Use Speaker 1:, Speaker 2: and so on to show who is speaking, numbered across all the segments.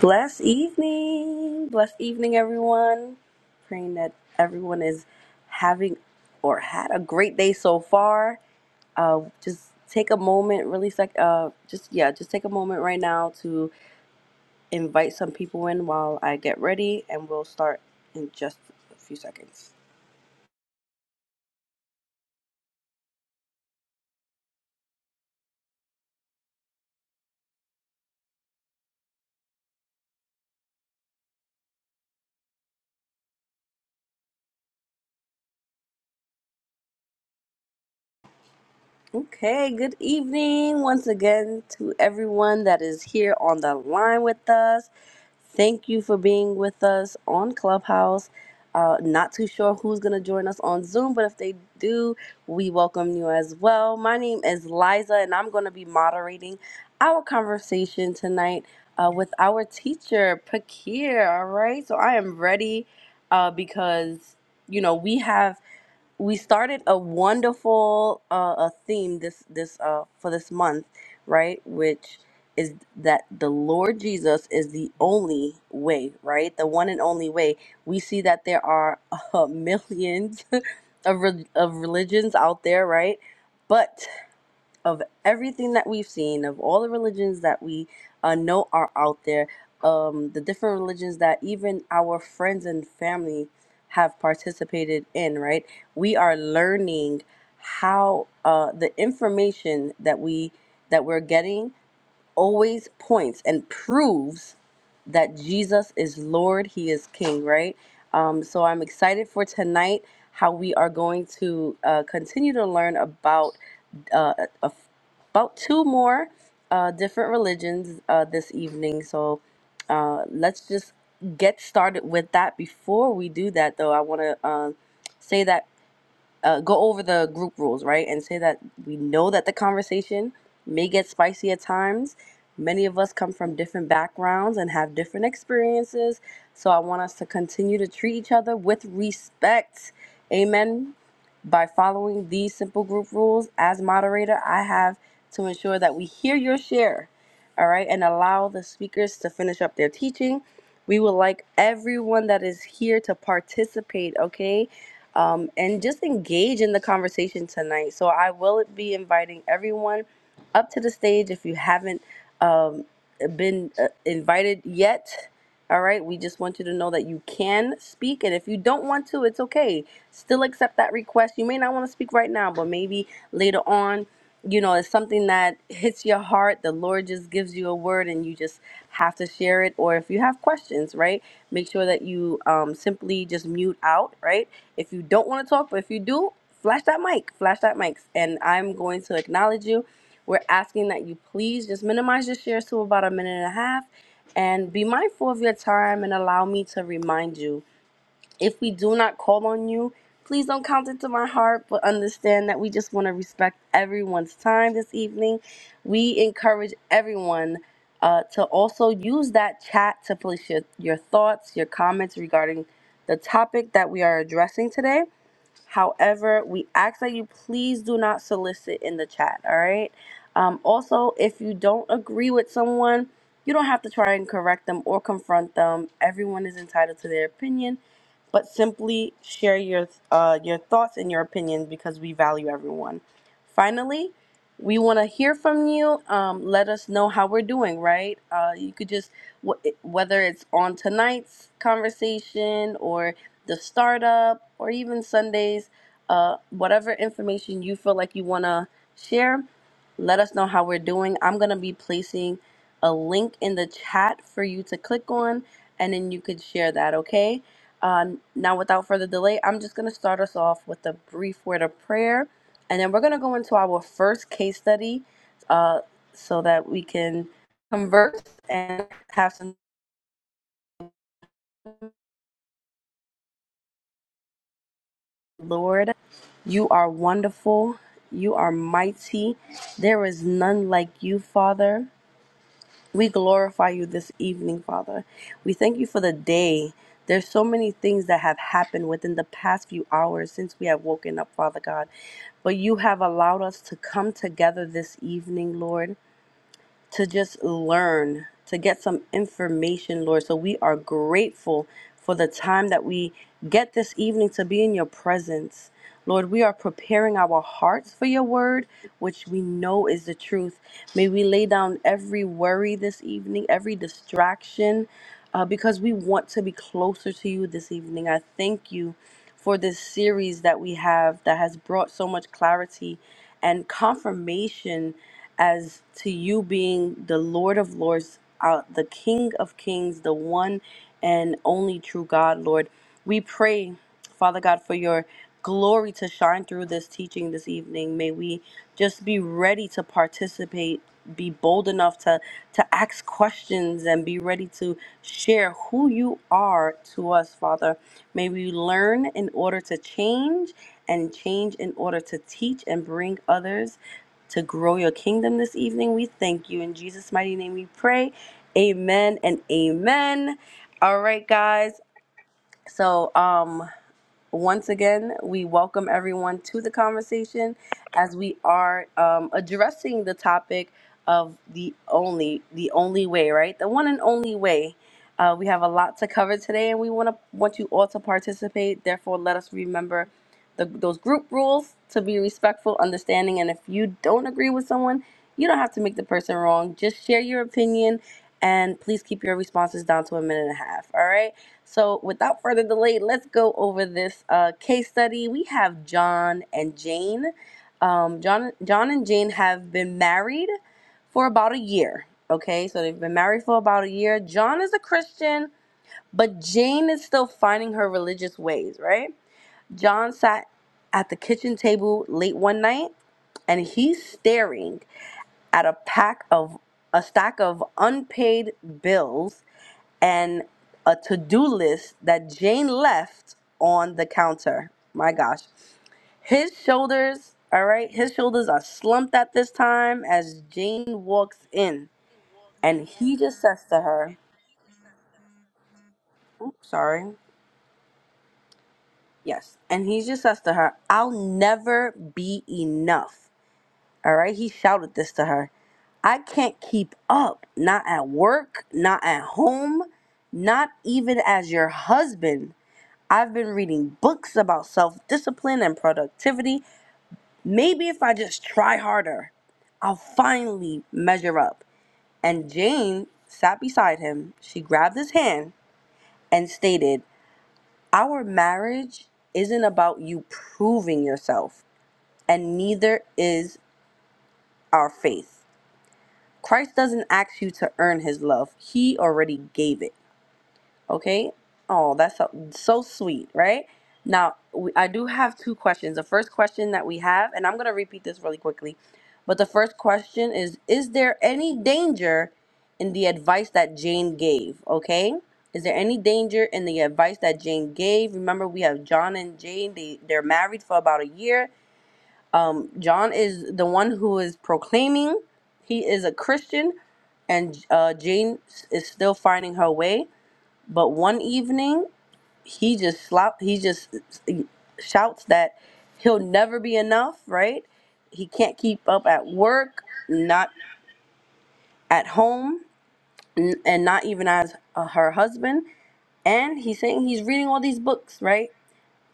Speaker 1: Blessed evening. Blessed evening, everyone. Praying that everyone is having or had a great day so far. Uh, just take a moment, really sec- uh, just yeah, just take a moment right now to invite some people in while I get ready, and we'll start in just a few seconds. Okay, good evening once again to everyone that is here on the line with us. Thank you for being with us on Clubhouse. Uh, not too sure who's going to join us on Zoom, but if they do, we welcome you as well. My name is Liza, and I'm going to be moderating our conversation tonight uh, with our teacher, Pakir. All right, so I am ready uh, because, you know, we have we started a wonderful uh, a theme this this uh, for this month, right? Which is that the Lord Jesus is the only way, right? The one and only way. We see that there are uh, millions of re- of religions out there, right? But of everything that we've seen, of all the religions that we uh, know are out there, um, the different religions that even our friends and family have participated in, right? We are learning how uh, the information that we that we're getting always points and proves that Jesus is Lord, He is King, right? Um, so I'm excited for tonight how we are going to uh, continue to learn about uh, about two more uh, different religions uh, this evening. So uh, let's just get started with that. Before we do that, though, I want to uh, say that uh, go over the group rules, right? And say that we know that the conversation may get spicy at times. Many of us come from different backgrounds and have different experiences. So I want us to continue to treat each other with respect. Amen. By following these simple group rules as moderator, I have to ensure that we hear your share, all right, and allow the speakers to finish up their teaching. We would like everyone that is here to participate, okay? um, and just engage in the conversation tonight. So I will be inviting everyone up to the stage if you haven't um, been uh, invited yet. All right, we just want you to know that you can speak, and if you don't want to, it's okay. Still accept that request. You may not want to speak right now, but maybe later on, you know, it's something that hits your heart. The Lord just gives you a word, and you just have to share it. Or if you have questions, right, make sure that you um, simply just mute out, right? If you don't want to talk, but if you do, flash that mic, flash that mic, and I'm going to acknowledge you. We're asking that you please just minimize your shares to about a minute and a half and be mindful of your time and allow me to remind you. If we do not call on you, please don't count it to my heart, but understand that we just want to respect everyone's time this evening. We encourage everyone uh, to also use that chat to place your, your thoughts, your comments regarding the topic that we are addressing today However, we ask that you please do not solicit in the chat, all right? Um, also, if you don't agree with someone, you don't have to try and correct them or confront them. Everyone is entitled to their opinion, but simply share your uh, your thoughts and your opinions because we value everyone. Finally, we want to hear from you. Um, let us know how we're doing, right? Uh, you could just, wh- whether it's on tonight's conversation or the startup or even Sundays, uh, whatever information you feel like you want to share, let us know how we're doing. I'm going to be placing a link in the chat for you to click on and then you could share that, okay? Um, now, without further delay, I'm just going to start us off with a brief word of prayer and then we're going to go into our first case study uh, so that we can converse and have some Lord. You are wonderful. You are mighty. There is none like you, Father. We glorify you this evening, Father. We thank you for the day. There's so many things that have happened within the past few hours since we have woken up, Father God. But you have allowed us to come together this evening, Lord, to just learn, to get some information, Lord. So we are grateful for the time that we get this evening to be in your presence. Lord, we are preparing our hearts for your word, which we know is the truth. May we lay down every worry this evening, every distraction, uh, because we want to be closer to you this evening. I thank you for this series that we have that has brought so much clarity and confirmation as to you being the Lord of Lords, uh, the King of Kings, the one and only true God, Lord. We pray. Father God, for your glory to shine through this teaching this evening. May we just be ready to participate, be bold enough to to ask questions and be ready to share who you are to us, Father. May we learn in order to change and change in order to teach and bring others to grow your kingdom this evening. We thank you in Jesus mighty name we pray. Amen and amen. All right guys. So um once again, we welcome everyone to the conversation as we are um, addressing the topic of the only, the only way, right? The one and only way. Uh, we have a lot to cover today, and we want to want you all to participate. Therefore, let us remember the, those group rules to be respectful, understanding, and if you don't agree with someone, you don't have to make the person wrong. Just share your opinion, and please keep your responses down to a minute and a half. All right. So, without further delay, let's go over this uh, case study. We have John and Jane. Um, John, John and Jane have been married for about a year. Okay, so they've been married for about a year. John is a Christian, but Jane is still finding her religious ways. Right? John sat at the kitchen table late one night, and he's staring at a pack of a stack of unpaid bills and a to-do list that Jane left on the counter. My gosh. His shoulders, all right, his shoulders are slumped at this time as Jane walks in.
Speaker 2: walks
Speaker 1: And
Speaker 2: in
Speaker 1: he just says to her,
Speaker 2: and he just says that.
Speaker 1: oops, sorry. Yes. And he just says to her, I'll never be enough. All right. He shouted this to her. I can't keep up, not at work, not at home, not even as your husband. I've been reading books about self discipline and productivity. Maybe if I just try harder, I'll finally measure up. And Jane sat beside him. She grabbed his hand and stated, Our marriage isn't about you proving yourself, and neither is our faith. Christ doesn't ask you to earn his love, he already gave it. Okay. Oh, that's so, so sweet, right? Now, we, I do have two questions. The first question that we have, and I'm going to repeat this really quickly, but the first question is Is there any danger in the advice that Jane gave? Okay. Is there any danger in the advice that Jane gave? Remember, we have John and Jane. They, they're married for about a year. Um, John is the one who is proclaiming he is a Christian, and uh, Jane is still finding her way. But one evening, he just slop he just shouts that he'll never be enough, right? He can't keep up at work, not at home, n- and not even as uh, her husband. And he's saying he's reading all these books, right?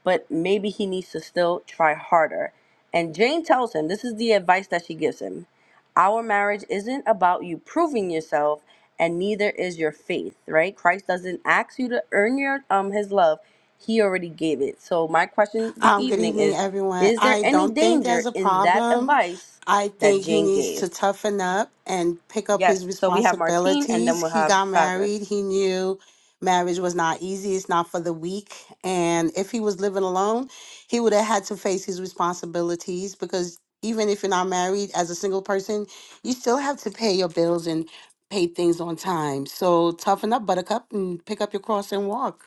Speaker 1: but maybe he needs to still try harder. And Jane tells him this is the advice that she gives him Our marriage isn't about you proving yourself, and neither is your faith, right? Christ doesn't ask you to earn your um his love, he already gave it. So my question this
Speaker 3: Um, good
Speaker 1: evening
Speaker 3: evening,
Speaker 1: is
Speaker 3: everyone.
Speaker 1: is there
Speaker 3: I
Speaker 1: any
Speaker 3: don't think there's
Speaker 1: danger
Speaker 3: a
Speaker 1: in that
Speaker 3: problem.
Speaker 1: advice
Speaker 3: I
Speaker 1: that
Speaker 3: think he
Speaker 1: Jane
Speaker 3: needs to
Speaker 1: gave?
Speaker 3: toughen up and pick up his
Speaker 1: Yes, so we have Martine and then
Speaker 3: responsibilities.
Speaker 1: we'll
Speaker 3: He
Speaker 1: have
Speaker 3: got married.
Speaker 1: Fabrice.
Speaker 3: He knew marriage was not easy. It's not for the weak. And if he was living alone, he would have had to face his responsibilities because even if you're not married as a single person, you still have to pay your bills and pay things on time. So toughen up, Buttercup, and pick up your cross and walk.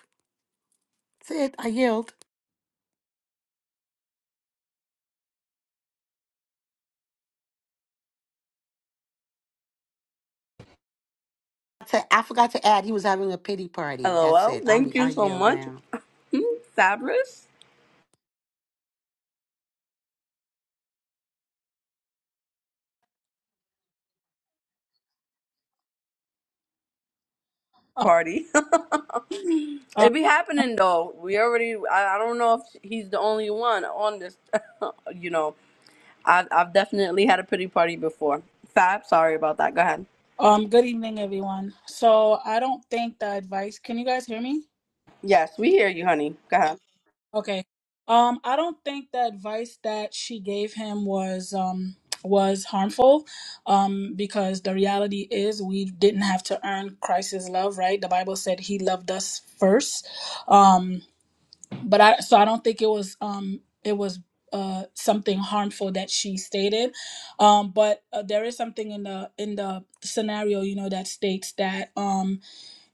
Speaker 3: That's it. I yield. to, I forgot to add he was having a pity party. That's
Speaker 1: LOL,
Speaker 3: it. I'm
Speaker 1: thank
Speaker 3: I
Speaker 1: you so
Speaker 3: yield
Speaker 1: much.
Speaker 3: now.
Speaker 1: Hmm, Fabris?
Speaker 4: Uh,
Speaker 1: Party.
Speaker 4: uh,
Speaker 1: It be happening though. We already. I, I don't know if he's the only one on this. you know, I, I've definitely had a pity party before. Fab, sorry about that. Go ahead.
Speaker 4: um, good evening, everyone. So I don't think the advice. Can you guys hear me?
Speaker 1: Yes, we hear you, honey. Go ahead.
Speaker 4: Okay. Um, I don't think the advice that she gave him was um was harmful, um, because the reality is we didn't have to earn Christ's love, right? The Bible said He loved us first. Um, but I so I don't think it was um it was uh something harmful that she stated, um, but uh, there is something in the in the scenario you know that states that um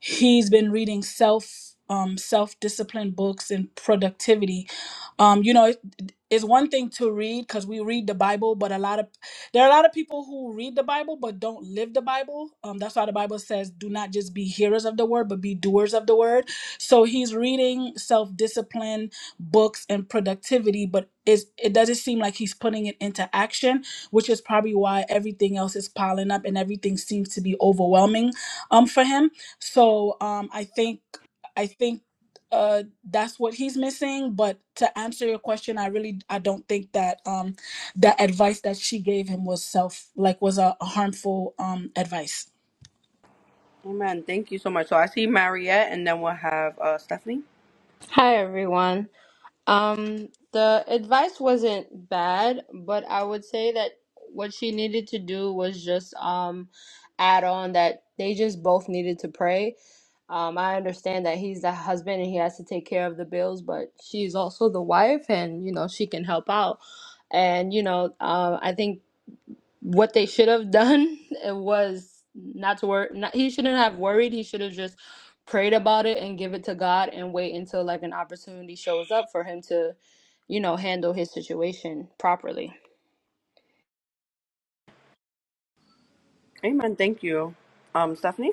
Speaker 4: He's been reading self um, self discipline books and productivity. Um, you know, it's one thing to read because we read the Bible, but a lot of there are a lot of people who read the Bible but don't live the Bible. Um, that's why the Bible says, "Do not just be hearers of the word, but be doers of the word." So he's reading self-discipline books and productivity, but is it doesn't seem like he's putting it into action, which is probably why everything else is piling up and everything seems to be overwhelming um, for him. So um, I think. I think uh that's what he's missing but to answer your question i really i don't think that um the advice that she gave him was self like was a, a harmful um advice
Speaker 1: Amen. Thank you so much. So I see Mariette, and then we'll have uh, Stephanie.
Speaker 5: Hi everyone. Um, the advice wasn't bad, but I would say that what she needed to do was just um add on that they just both needed to pray. Um, I understand that he's the husband and he has to take care of the bills, but she's also the wife and you know she can help out. And you know, um, I think what they should have done was not to worry. Not, he shouldn't have worried. He should have just prayed about it and give it to God and wait until like an opportunity shows up for him to, you know, handle his situation properly.
Speaker 1: Amen. Thank you. Um, Stephanie.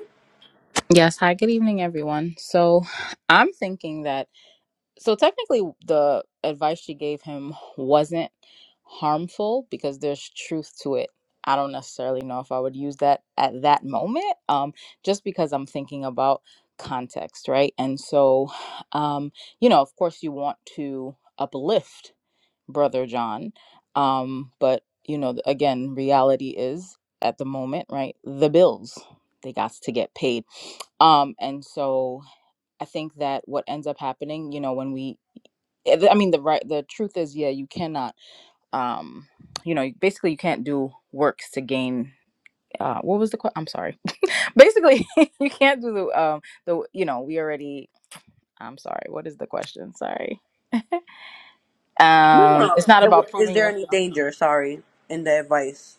Speaker 6: Yes, hi, good evening, everyone. So I'm thinking that, so technically, the advice she gave him wasn't harmful because there's truth to it. I don't necessarily know if I would use that at that moment, um, just because I'm thinking about context, right? And so, um, you know, of course, you want to uplift brother John. Um, but you know, again, reality is at the moment, right? The bills they got to get paid. Um, and so I think that what ends up happening, you know, when we, eh, I mean, the right, the truth is, yeah, you cannot, um, you know, basically you can't do works to gain. Uh, what was the question? I'm sorry. Basically, you can't do the, um, the, you know, we already. I'm sorry. What is the question? Sorry.
Speaker 1: No,
Speaker 6: Um,
Speaker 1: no.
Speaker 6: it's not
Speaker 1: It
Speaker 6: about
Speaker 1: w- Is
Speaker 6: proving
Speaker 1: there
Speaker 6: your.
Speaker 1: any danger? Sorry, in the advice.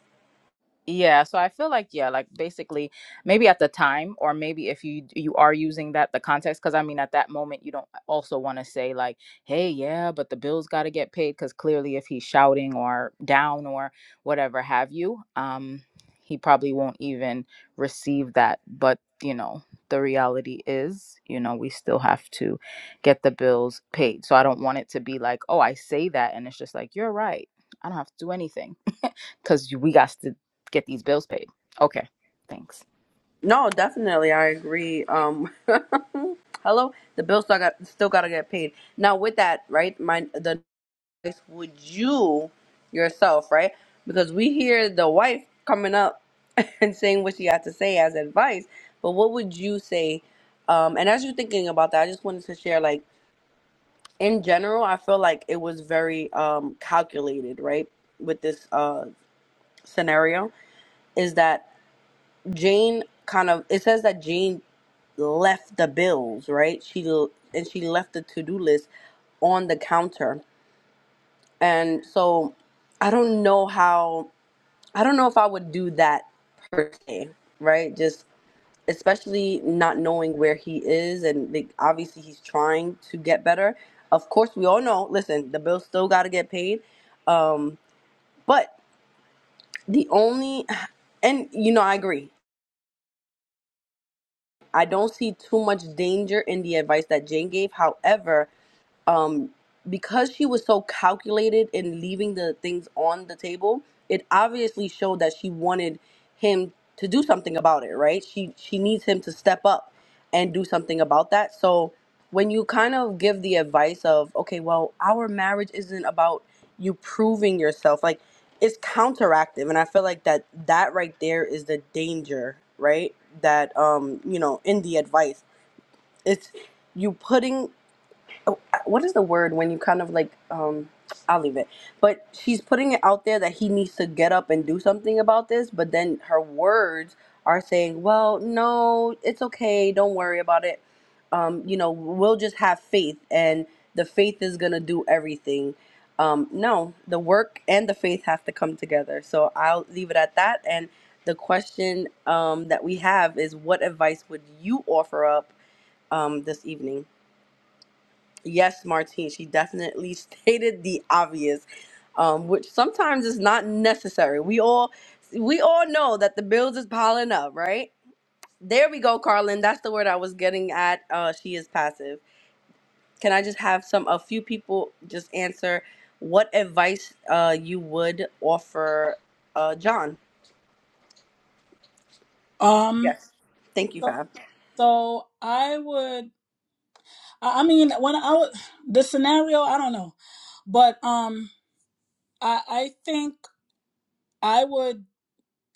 Speaker 6: Yeah, so I feel like yeah, like basically maybe at the time or maybe if you you are using that the context cuz I mean at that moment you don't uh, also want to say like, "Hey, yeah, but the bills got to get paid" cuz clearly if he's shouting or down or whatever have you, um he probably won't even receive that, but you know, the reality is, you know, we still have to get the bills paid. So I don't want it to be like, "Oh, I say that and it's just like, you're right. I don't have to do anything." because we got to get these bills paid. Okay, thanks.
Speaker 1: No, definitely, I agree. Um, hello, the bills still got still gotta get paid. Now with that, right? My the would you yourself, right? Because we hear the wife coming up and saying what she had to say as advice, but what would you say? Um, and as you're thinking about that, I just wanted to share, like, in general, I feel like it was very um, calculated, right? With this uh, scenario, is that Jane kind of, it says that Jane left the bills, right? She, l- and she left the to do list on the counter. And so I don't know how I don't know if I would do that per se, right? Just especially not knowing where he is, and like, obviously he's trying to get better. Of course, we all know. Listen, the bills still got to get paid. Um, but the only, and you know, I agree. I don't see too much danger in the advice that Jane gave. However, Um, because she was so calculated in leaving the things on the table, it obviously showed that she wanted him to do something about it, right? She she needs him to step up and do something about that. So when you kind of give the advice of, okay, well, our marriage isn't about you proving yourself, like it's counteractive, and I feel like that that right there is the danger, right? That um, you know, in the advice, it's you putting oh, uh, what is the word when you kind of like um I'll leave it. But she's putting it out there that he needs to get up and do something about this, but then her words are saying, "Well, no, it's okay. Don't worry about it. Um, you know, we'll just have faith and the faith is going to do everything." Um, no, the work and the faith have to come together. So I'll leave it at that and the question um, that we have is what advice would you offer up um, this evening? Yes, Martine, she definitely stated the obvious, um, which sometimes is not necessary. We all we all know that the bills is piling up, right? There we go, Carlin. That's the word I was getting at. Uh, she is passive. Can I just have some a few people just answer what advice uh, you would offer uh, John?
Speaker 4: um
Speaker 1: Yes. Thank you,
Speaker 4: so,
Speaker 1: Fab.
Speaker 4: so i would i I mean when i would the scenario i don't know but um i i think i would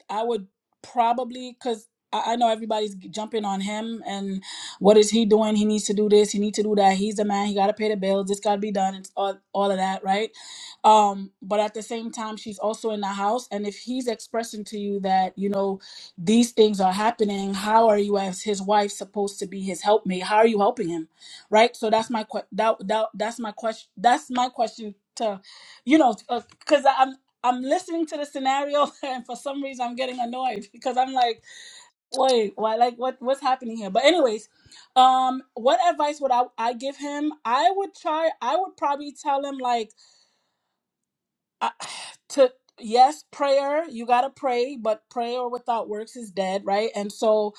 Speaker 4: I would probably because I, I know everybody's jumping on him and what is he doing? He needs to do this. He needs to do that. He's the man. He got to pay the bills. This got to be done. It's all all of that, right? Um, but at the same time, she's also in the house, and if he's expressing to you that you know these things are happening, how are you as his wife supposed to be his helpmate? How are you helping him, right? So that's my que- that, that that's my question. That's my question to you know because I'm listening to the scenario, and for some reason, I'm getting annoyed because I'm like, wait, why? Like, what? What's happening here? But anyways, um, what advice would I, I give him? I would try. I would probably tell him like uh, to yes, prayer. You gotta pray, but prayer without works is dead, right? And so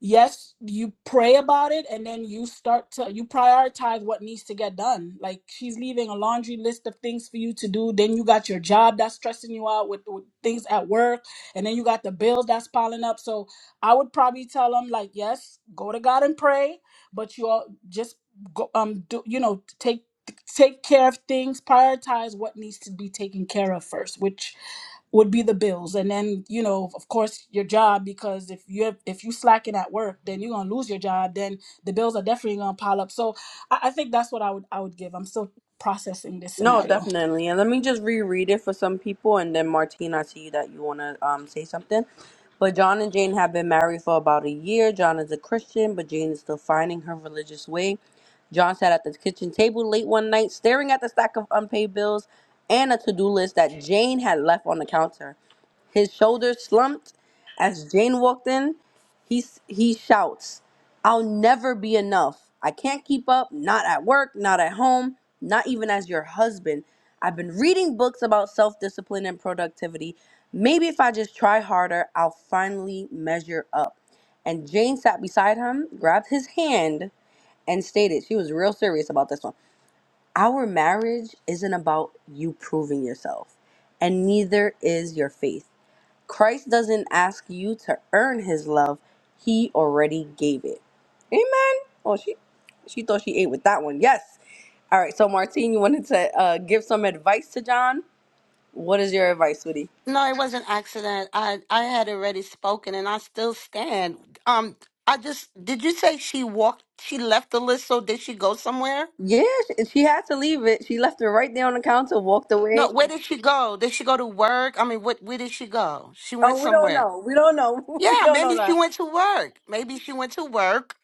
Speaker 4: yes you pray about it and then you start to you prioritize what needs to get done like she's leaving a laundry list of things for you to do then you got your job that's stressing you out with, with things at work and then you got the bills that's piling up so i would probably tell them like yes go to god and pray but you all just go um do you know take take care of things prioritize what needs to be taken care of first which would be the bills and then you know of course your job because if you are if you slacking at work then you're gonna lose your job then the bills are definitely gonna pile up so i, I think that's what i would i would give i'm still processing this
Speaker 1: No,
Speaker 4: scenario
Speaker 1: definitely. And let me just reread it for some people, and then Martine, I see that you want to um, say something. But John and Jane have been married for about a year. John is a Christian, but Jane is still finding her religious way. John sat at the kitchen table late one night, staring at the stack of unpaid bills and a to do list that Jane had left on the counter. His shoulders slumped as Jane walked in. He, he shouts. I'll never be enough. I can't keep up, not at work, not at home, not even as your husband. I've been reading books about self discipline and productivity. Maybe if I just try harder, I'll finally measure up. And Jane sat beside him, grabbed his hand, and stated she was real serious about this one. Our marriage isn't about you proving yourself, and neither is your faith. Christ doesn't ask you to earn his love. He already gave it. Amen. Oh, she she thought she ate with that one. Yes. All right. So Martine, you wanted to uh, give some advice to John. What is your advice, sweetie?
Speaker 3: No, it was an accident. I I had already spoken and I still stand. Um I just did you say she walked she left the list so did she go somewhere?
Speaker 1: Yeah, she, she had to leave it. She left it right there on the counter, walked away.
Speaker 3: No, where did she go? Did she go to work? I mean what where did she go? She
Speaker 1: Oh,
Speaker 3: went
Speaker 1: we don't
Speaker 3: somewhere.
Speaker 1: know. We don't know. we
Speaker 3: Yeah,
Speaker 1: don't know
Speaker 3: maybe she
Speaker 1: that.
Speaker 3: went to work. Maybe she went to work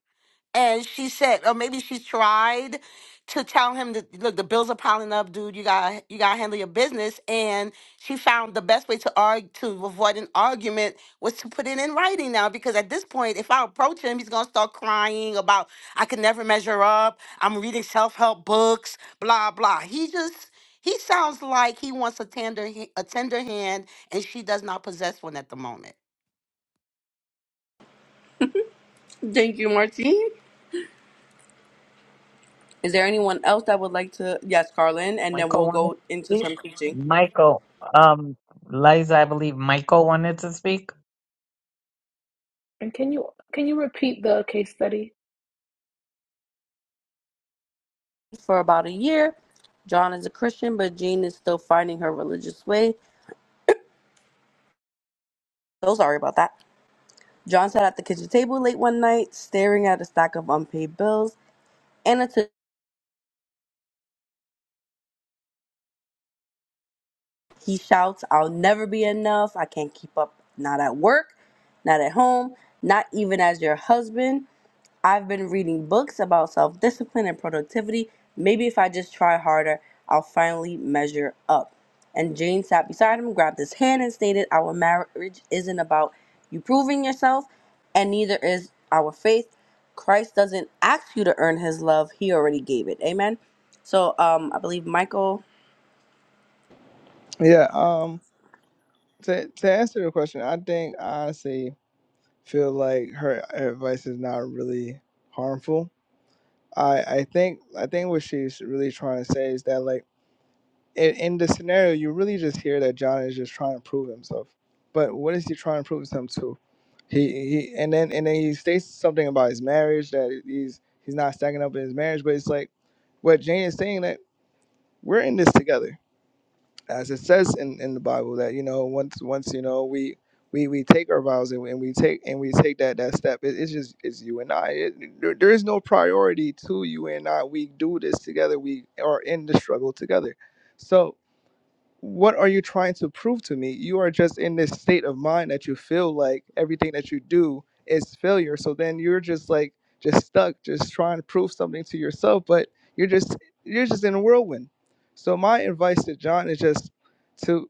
Speaker 3: and she said, or maybe she tried to tell him that look, the bills are piling up, dude. You got you got to handle your business. And she found the best way to argue to avoid an argument was to put it in writing now, because at this point, if I approach him, he's gonna start crying about I could never measure up. I'm reading self help books, blah blah. He just he sounds like he wants a tender h- a tender hand, and she does not possess one at the moment.
Speaker 1: Thank you, Martine. Is there anyone else that would like to? Yes, Carlin, and then
Speaker 7: Michael
Speaker 1: we'll
Speaker 7: wanted to
Speaker 1: go into
Speaker 7: speak.
Speaker 1: some teaching.
Speaker 7: Michael, um, Liza, I believe Michael wanted to speak.
Speaker 8: And can you can you repeat the case study?
Speaker 1: for about a year. John is a Christian, but Jean is still finding her religious way. So sorry about that. John sat at the kitchen table late one night, staring at a stack of unpaid bills. And until he shouts, I'll never be enough. I can't keep up. Not at work, not at home, not even as your husband. I've been reading books about self discipline and productivity. Maybe if I just try harder, I'll finally measure up. And Jane sat beside him, grabbed his hand, and stated, Our marriage isn't about you proving yourself, and neither is our faith. Christ doesn't ask you to earn his love, he already gave it. Amen. So um, I believe Michael.
Speaker 9: Yeah. Um. To to answer the question, I think I honestly feel like her advice is not really harmful. I I think I think what she's really trying to say is that like in, in the scenario, you really just hear that John is just trying to prove himself. But what is he trying to prove himself to? He he, and then and then he states something about his marriage that he's he's not stacking up in his marriage. But it's like what Jane is saying that we're in this together as it says in, in the Bible that you know once once you know we we, we take our vows and, we- and we take and we take that that step. It, it's just it's you and I. It, there, there is no priority to you and I. We do this together. We are in the struggle together. so what are you trying to prove to me? You are just in this state of mind that you feel like everything that you do is failure. So then you're just like just stuck, just trying to prove something to yourself, but you're just you're just in a whirlwind. So my advice to John is just to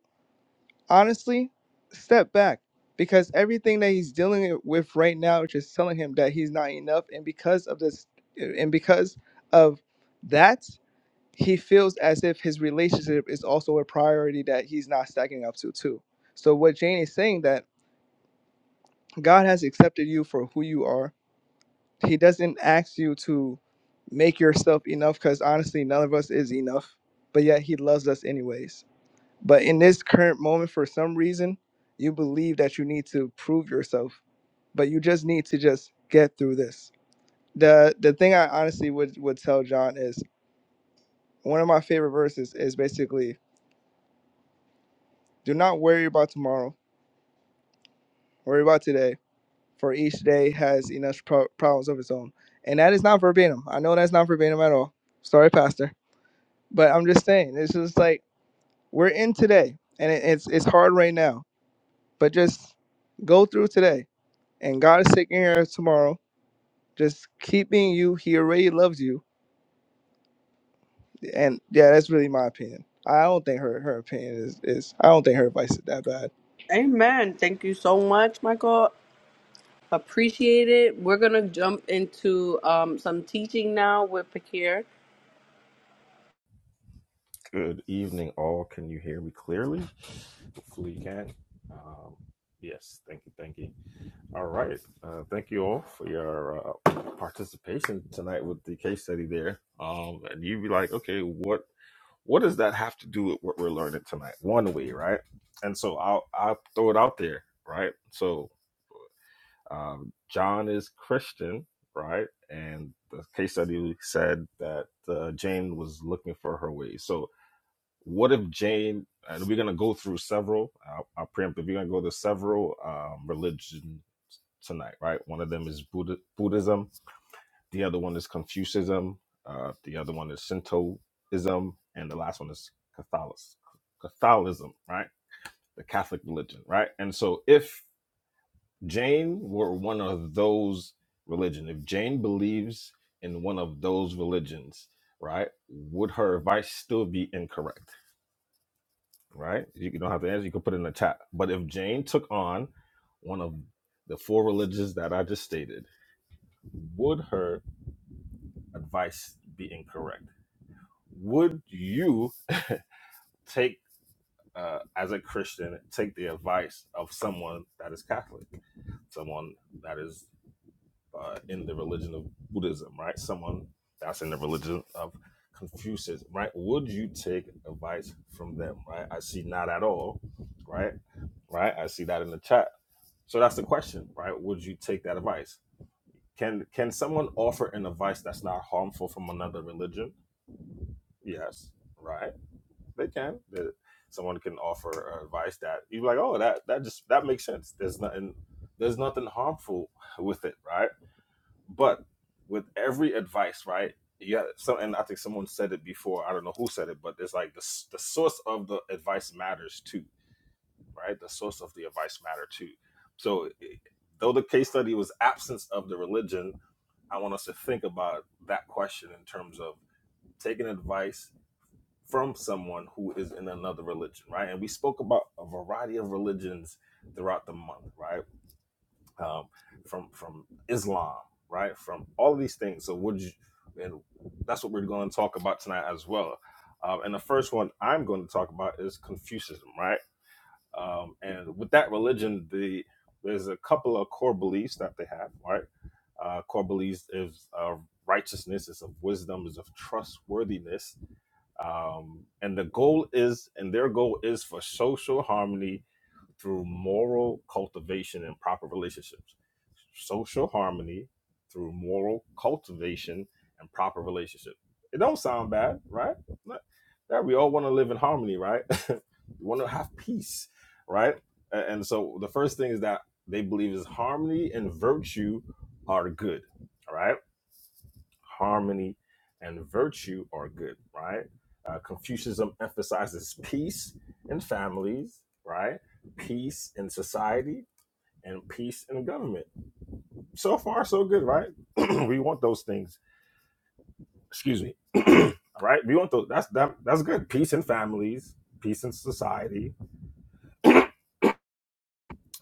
Speaker 9: honestly step back because everything that he's dealing with right now is just telling him that he's not enough and because of this and because of that he feels as if his relationship is also a priority that he's not stacking up to too. So what Jane is saying that God has accepted you for who you are. He doesn't ask you to make yourself enough because honestly none of us is enough. But yet he loves us anyways. But in this current moment, for some reason, you believe that you need to prove yourself. But you just need to just get through this. The the thing I honestly would, would tell John is one of my favorite verses is basically do not worry about tomorrow Worry about today, for each day has enough pro- problems of its own. And that is not verbatim. I know that's not verbatim at all. Sorry, Pastor. But I'm just saying, it's just like we're in today, and it, it's it's hard right now. But just go through today, and God is taking care of tomorrow. Just keep being you. He already loves you, and yeah, that's really my opinion. I don't think her her opinion is is I don't think her advice is that bad.
Speaker 1: Amen. Thank you so much, Michael. Appreciate it. We're going to jump into um, some teaching now with Pakir.
Speaker 10: Good evening, all. Can you hear me clearly? Hopefully, you can. Um, yes, thank you, thank you. All right, uh, thank you all for your uh, participation tonight with the case study there. Um, and you'd be like, okay, what what does that have to do with what we're learning tonight? One way, right? And so I'll I'll throw it out there, right? So um, John is Christian, right? And the case study said that uh, Jane was looking for her way. so what if Jane, and we're going to go through several, I'll, I'll preempt, if we're going to go to several um, religion tonight, right? One of them is Buddha, Buddhism, the other one is Confucianism, uh, the other one is Shintoism, and the last one is Catholic, Catholicism, right? The Catholic religion, right? And so if Jane were one of those religion, if Jane believes in one of those religions, right, would her advice still be incorrect? right? You don't have to answer. You can put it in the chat. But if Jane took on one of the four religions that I just stated, would her advice be incorrect? Would you take, uh, as a Christian, take the advice of someone that is Catholic, someone that is uh, in the religion of Buddhism, right? Someone that's in the religion of Confucius, right? Would you take advice from them, right? I see not at all, right? Right? I see that in the chat So that's the question, right? Would you take that advice? Can can someone offer an advice that's not harmful from another religion? Yes, right? They can. That someone can offer advice that you're like, oh, that that just that makes sense. There's nothing there's nothing harmful with it, right? But with every advice, right? Yeah, so and I think someone said it before. I don't know who said it, but it's like the s- the source of the advice matters too right? The source of the advice matter too. So though the case study was absence of the religion, I want us to think about that question in terms of taking advice from someone who is in another religion, right? And we spoke about a variety of religions throughout the month, right? Um, from from Islam, right? From all of these things. So would you? And that's what we're going to talk about tonight as well. Um, and the first one I'm going to talk about is Confucianism, right? Um, and with that religion, the there's a couple of core beliefs that they have, right? Uh, core beliefs is uh, righteousness, is of wisdom, is of trustworthiness, um, and the goal is, and their goal is for social harmony through moral cultivation and proper relationships. Social harmony through moral cultivation and proper relationships. It don't sound bad, right? That we all want to live in harmony, right? we want to have peace, right? And so the first thing is that they believe is harmony and virtue are good, right? harmony, and virtue are good, right? Uh, Confucianism emphasizes peace in families, right? Peace in society, and peace in government. So far, so good, right? we want those things. Excuse me, right? We want those. That's that, that's good. Peace in families, peace in society.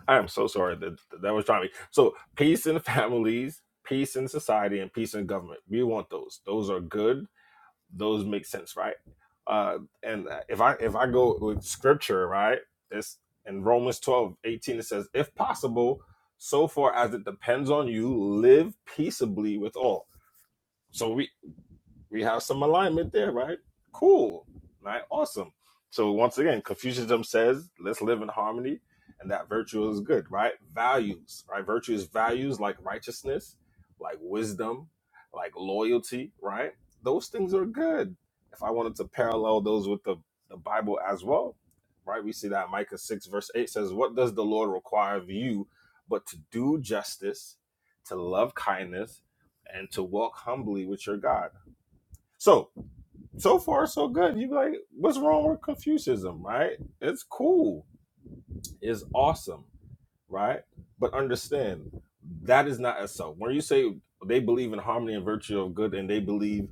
Speaker 10: I am so sorry that that was trying to. Be. So peace in families, peace in society, and peace in government. We want those. Those are good those make sense, right? Uh, and if I if I go with scripture, right, it's in Romans 12 18. it says, if possible, so far as it depends on you, live peaceably with all. So we we have some alignment there, right? Cool, right? Awesome. So once again, Confucianism says let's live in harmony, and that virtue is good, right? Values, right? Virtue is values like righteousness, like wisdom, like loyalty, right? Those things are good. If I wanted to parallel those with the, the Bible as well, right? We see that Micah 6, verse 8 says, What does the Lord require of you but to do justice, to love kindness, and to walk humbly with your God? So so far so good. You be like, what's wrong with Confucianism, right? It's cool. It's awesome, right? But understand that is not a self. When you say they believe in harmony and virtue of good, and they believe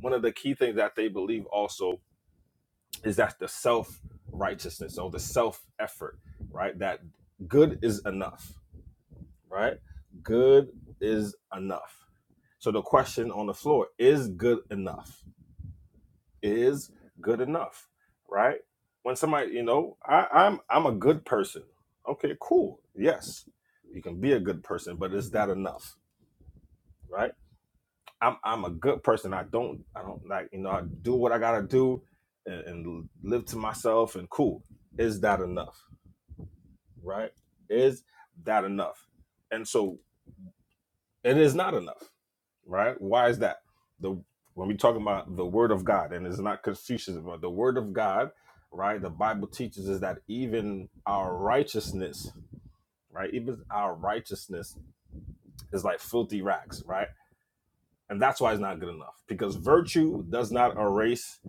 Speaker 10: one of the key things that they believe also is that the self righteousness or the self effort, right? That good is enough, right? Good is enough. So the question on the floor is good enough? is good enough, right? When somebody, you know, I, I'm I'm a good person. Okay, cool. Yes, you can be a good person, but is that enough, right? I'm I'm a good person. I don't I don't like you know I do what I gotta do, and, and live to myself and cool. Is that enough, right? Is that enough? And so it is not enough, right? Why is that? The when we talk about the word of God, and it's not Confucianism, but the word of God, right? The Bible teaches us that even our righteousness, right? Even our righteousness is like filthy rags, right? And that's why it's not good enough because virtue does not erase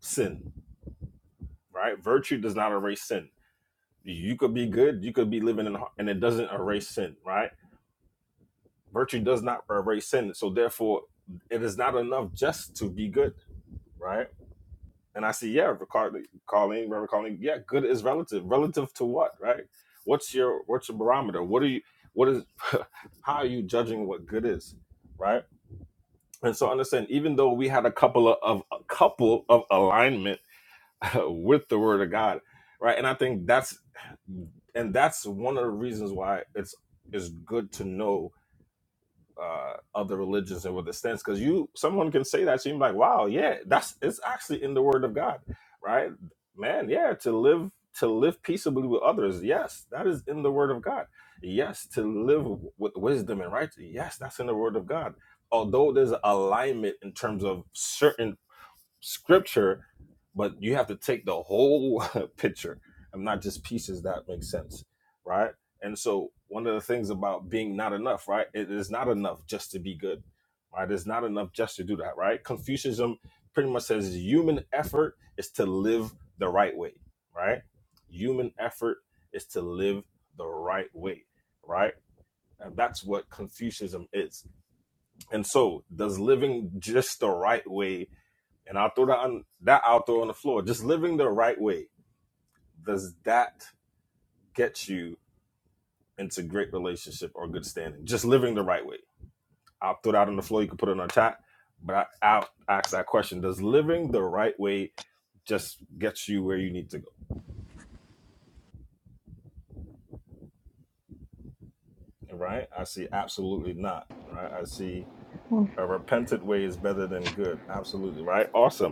Speaker 10: sin, right? Virtue does not erase sin. You could be good, you could be living in, and it doesn't erase sin, right? Virtue does not erase sin, so therefore, it is not enough just to be good right? And I see, yeah, Reverend Colleen, Reverend Colleen, yeah, good is relative. Relative to what, right? What's your what's your barometer? What are you what is how are you judging what good is, right? And so understand, even though we had a couple of, of a couple of alignment with the Word of God, right? And I think that's and that's one of the reasons why it's it's good to know uh, other religions and what the stance because you someone can say that to you and be like wow yeah that's it's actually in the word of god right man yeah to live to live peaceably with others yes that is in the word of god yes to live w- with wisdom and right yes that's in the word of god although there's alignment in terms of certain scripture, but you have to take the whole picture and not just pieces that make sense, right? And so, one of the things about being not enough, right? It is not enough just to be good, right? It's not enough just to do that, right? Confucianism pretty much says human effort is to live the right way, right? Human effort is to live the right way, right? And that's what Confucianism is. And so, does living just the right way and I'll throw that on that out there on the floor. Just living the right way. Does that get you into great relationship or good standing? Just living the right way. I'll throw that on the floor. You can put it in our chat, but I, I'll ask that question. Does living the right way just get you where you need to go? Right? I see absolutely not. Right? I see a repentant way is better than good. Absolutely. Right? Awesome.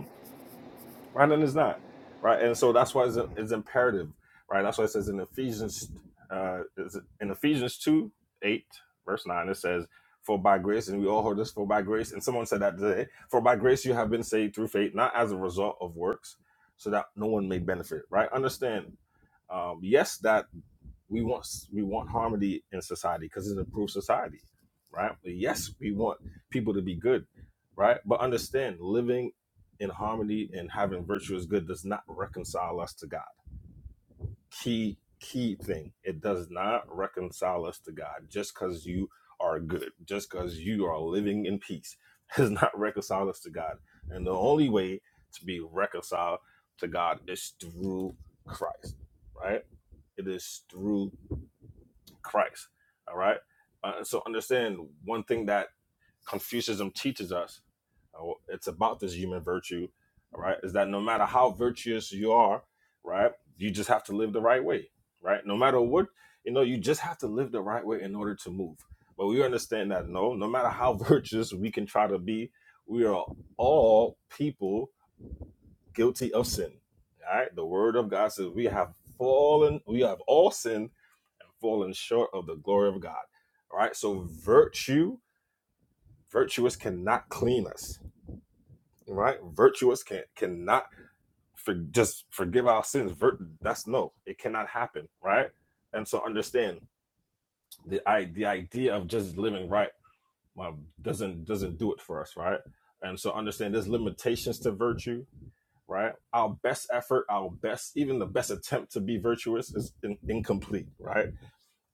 Speaker 10: right? And it's not, right? And so that's why it's, it's imperative, right? That's why it says in Ephesians, uh, is it- in Ephesians two eight verse nine, it says, "For by grace, and we all heard this, for by grace." And someone said that today, "For by grace you have been saved through faith, not as a result of works, so that no one may benefit." Right? Understand? Um, yes, that we want we want harmony in society because it improves society, right? Yes, we want people to be good, right? But understand, living in harmony and having virtue is good does not reconcile us to God. Key key thing, it does not reconcile us to God. Just because you are good, just because you are living in peace, does not reconcile us to God. And the only way to be reconciled to God is through Christ, right? It is through Christ. All right. Uh, so understand one thing that Confucianism teaches us. uh, well, it's about this human virtue. All right. Is that no matter how virtuous you are, right, you just have to live the right way. Right. No matter what, you know, you just have to live the right way in order to move. But we understand that no, no matter how virtuous we can try to be, we are all people guilty of sin. All right. The word of God says we have fallen, we have all sinned fallen short of the glory of God. All right. So virtue, virtuous cannot clean us. right? Virtuous can cannot for, just forgive our sins. Vir- that's no, it cannot happen. Right. And so understand the I, the idea of just living right well, doesn't doesn't do it for us. Right. And so understand there's limitations to virtue. Right. Our best effort, our best, even the best attempt to be virtuous is in, incomplete. Right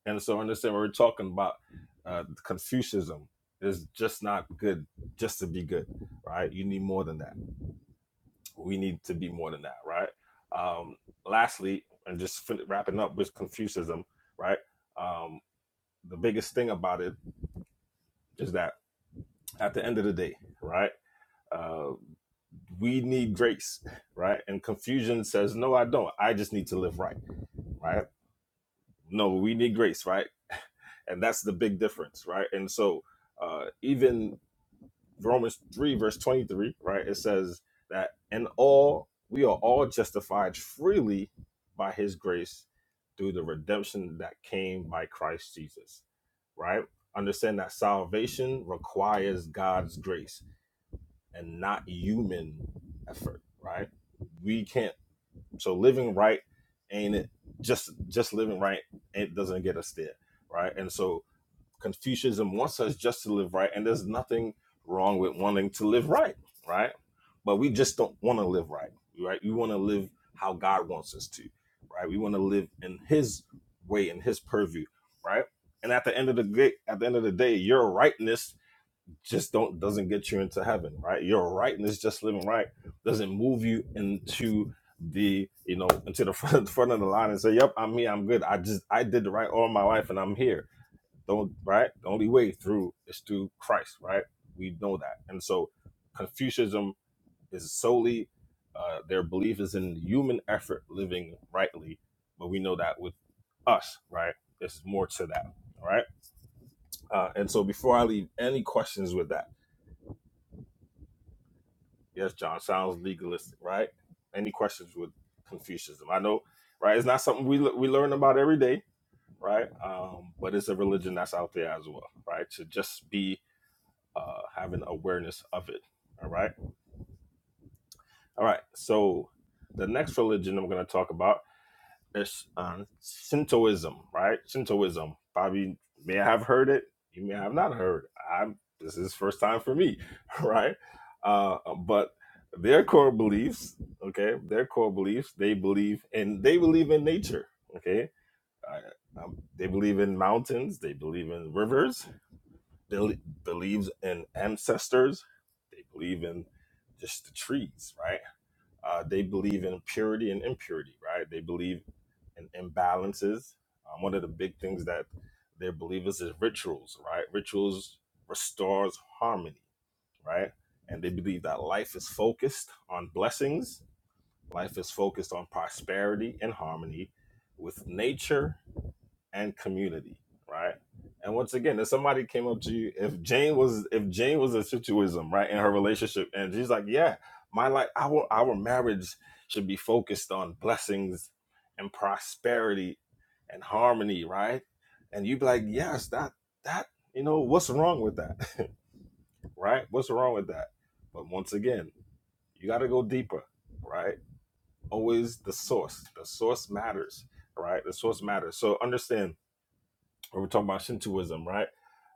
Speaker 10: And so understand we're talking about. Uh, Confucianism is just not good just to be good, right? You need more than that. We need to be more than that, right? Um, lastly, and just fin- wrapping up with Confucianism, right? Um, the biggest thing about it is that at the end of the day, right? Uh, we need grace, right? And Confucian says, no, I don't. I just need to live right, right? No, we need grace, right? And that's the big difference, right? And so uh, even Romans 3, verse 23, right? It says that in all, we are all justified freely by his grace through the redemption that came by Christ Jesus, right? Understand that salvation requires God's grace and not human effort, right? We can't, so living right ain't it just just living right it doesn't get us there right and so Confucianism wants us just to live right, and there's nothing wrong with wanting to live right, right? But we just don't want to live right, right? We want to live how God wants us to, right? We want to live in His way, in His purview, right? And at the end of the day, at the end of the day, your rightness just don't doesn't get you into heaven, right? Your rightness, just living right, doesn't move you into the you know into the front, front of the line and say, "Yep, I'm here, I'm good. I just I did the right all my life, and I'm here." Don't right? The only way through is through Christ, right? We know that. And so Confucianism is solely uh, their belief is in human effort living rightly, but we know that with us, right? There's more to that. All right. Uh, and so before I leave, any questions with that? Yes, John, sounds legalistic, right? Any questions with Confucianism? I know, right? It's not something we, le- we learn about every day, right? Um, but it's a religion that's out there as well, right? To just be uh, having awareness of it. All right. All right. So the next religion I'm going to talk about is um, Shintoism, right? Shintoism. Bobby may have heard it. You may have not heard. I'm, this is first time for me, right? Uh, but their core beliefs, okay, their core beliefs, they believe and they believe in nature, okay. Uh, um, they believe in mountains. They believe in rivers. bel- believes in ancestors. They believe in just the trees, right? Uh, they believe in purity and impurity, right? They believe in imbalances. Um, one of the big things that their believers is rituals, right? Rituals restores harmony, right? And they believe that life is focused on blessings. Life is focused on prosperity and harmony with nature and community, right? And once again, if somebody came up to you, if Jane was if Jane was a situationism, right, in her relationship, and she's like, yeah, my life, our our marriage should be focused on blessings and prosperity and harmony, right? And you'd be like, yes, that that you know what's wrong with that, right? What's wrong with that? But once again, you got to go deeper, right? Always the source. The source matters, right? The source matters. So understand when we're talking about Shintoism, right?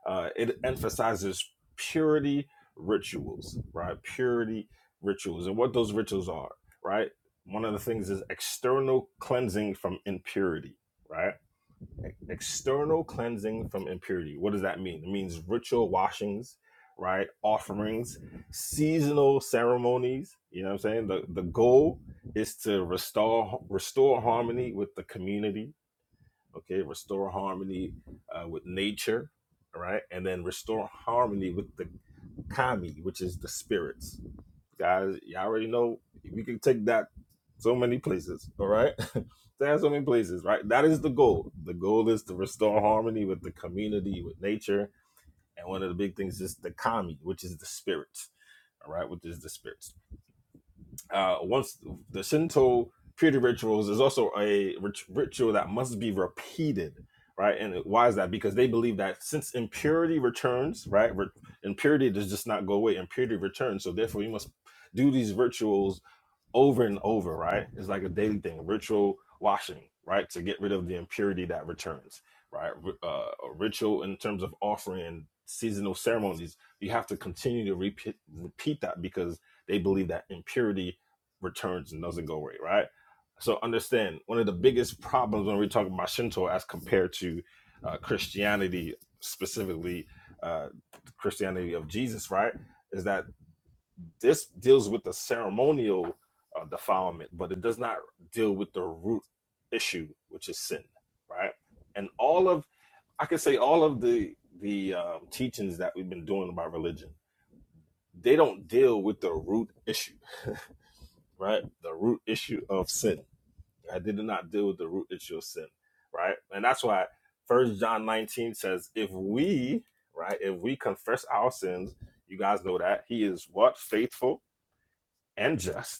Speaker 10: Uh, it emphasizes purity rituals, right? Purity rituals, and what those rituals are, right? One of the things is external cleansing from impurity, right? E- External cleansing from impurity. What does that mean? It means ritual washings, right? Offerings, seasonal ceremonies. You know what I'm saying? The the goal is to restore restore harmony with the community, okay restore harmony uh, with nature all right and then restore harmony with the kami which is the spirits guys y'all already know we can take that so many places all right That's so many places right that is the goal the goal is to restore harmony with the community with nature and one of the big things is the kami which is the spirits all right which is the spirits uh, once the Shinto purity rituals is also a rit- ritual that must be repeated, right? And why is that? Because they believe that since impurity returns, right? Re- impurity does just not go away. Impurity returns, so therefore you must do these rituals over and over, right? It's like a daily thing, ritual washing, right? To get rid of the impurity that returns, right? Uh, a ritual in terms of offering and seasonal ceremonies, you have to continue to repeat, repeat that because they believe that impurity returns and doesn't go away, right? So understand one of the biggest problems when we're talking about Shinto as compared to uh, Christianity, specifically uh, Christianity of Jesus, right? Is that this deals with the ceremonial uh, defilement, but it does not deal with the root issue, which is sin, right? And all of I could say all of the the um, teachings that we've been doing about religion, they don't deal with the root issue, right? The root issue of sin. I did not deal with the root issue of sin, right? And that's why First John 19 says, if we, right, if we confess our sins, you guys know that he is what faithful and just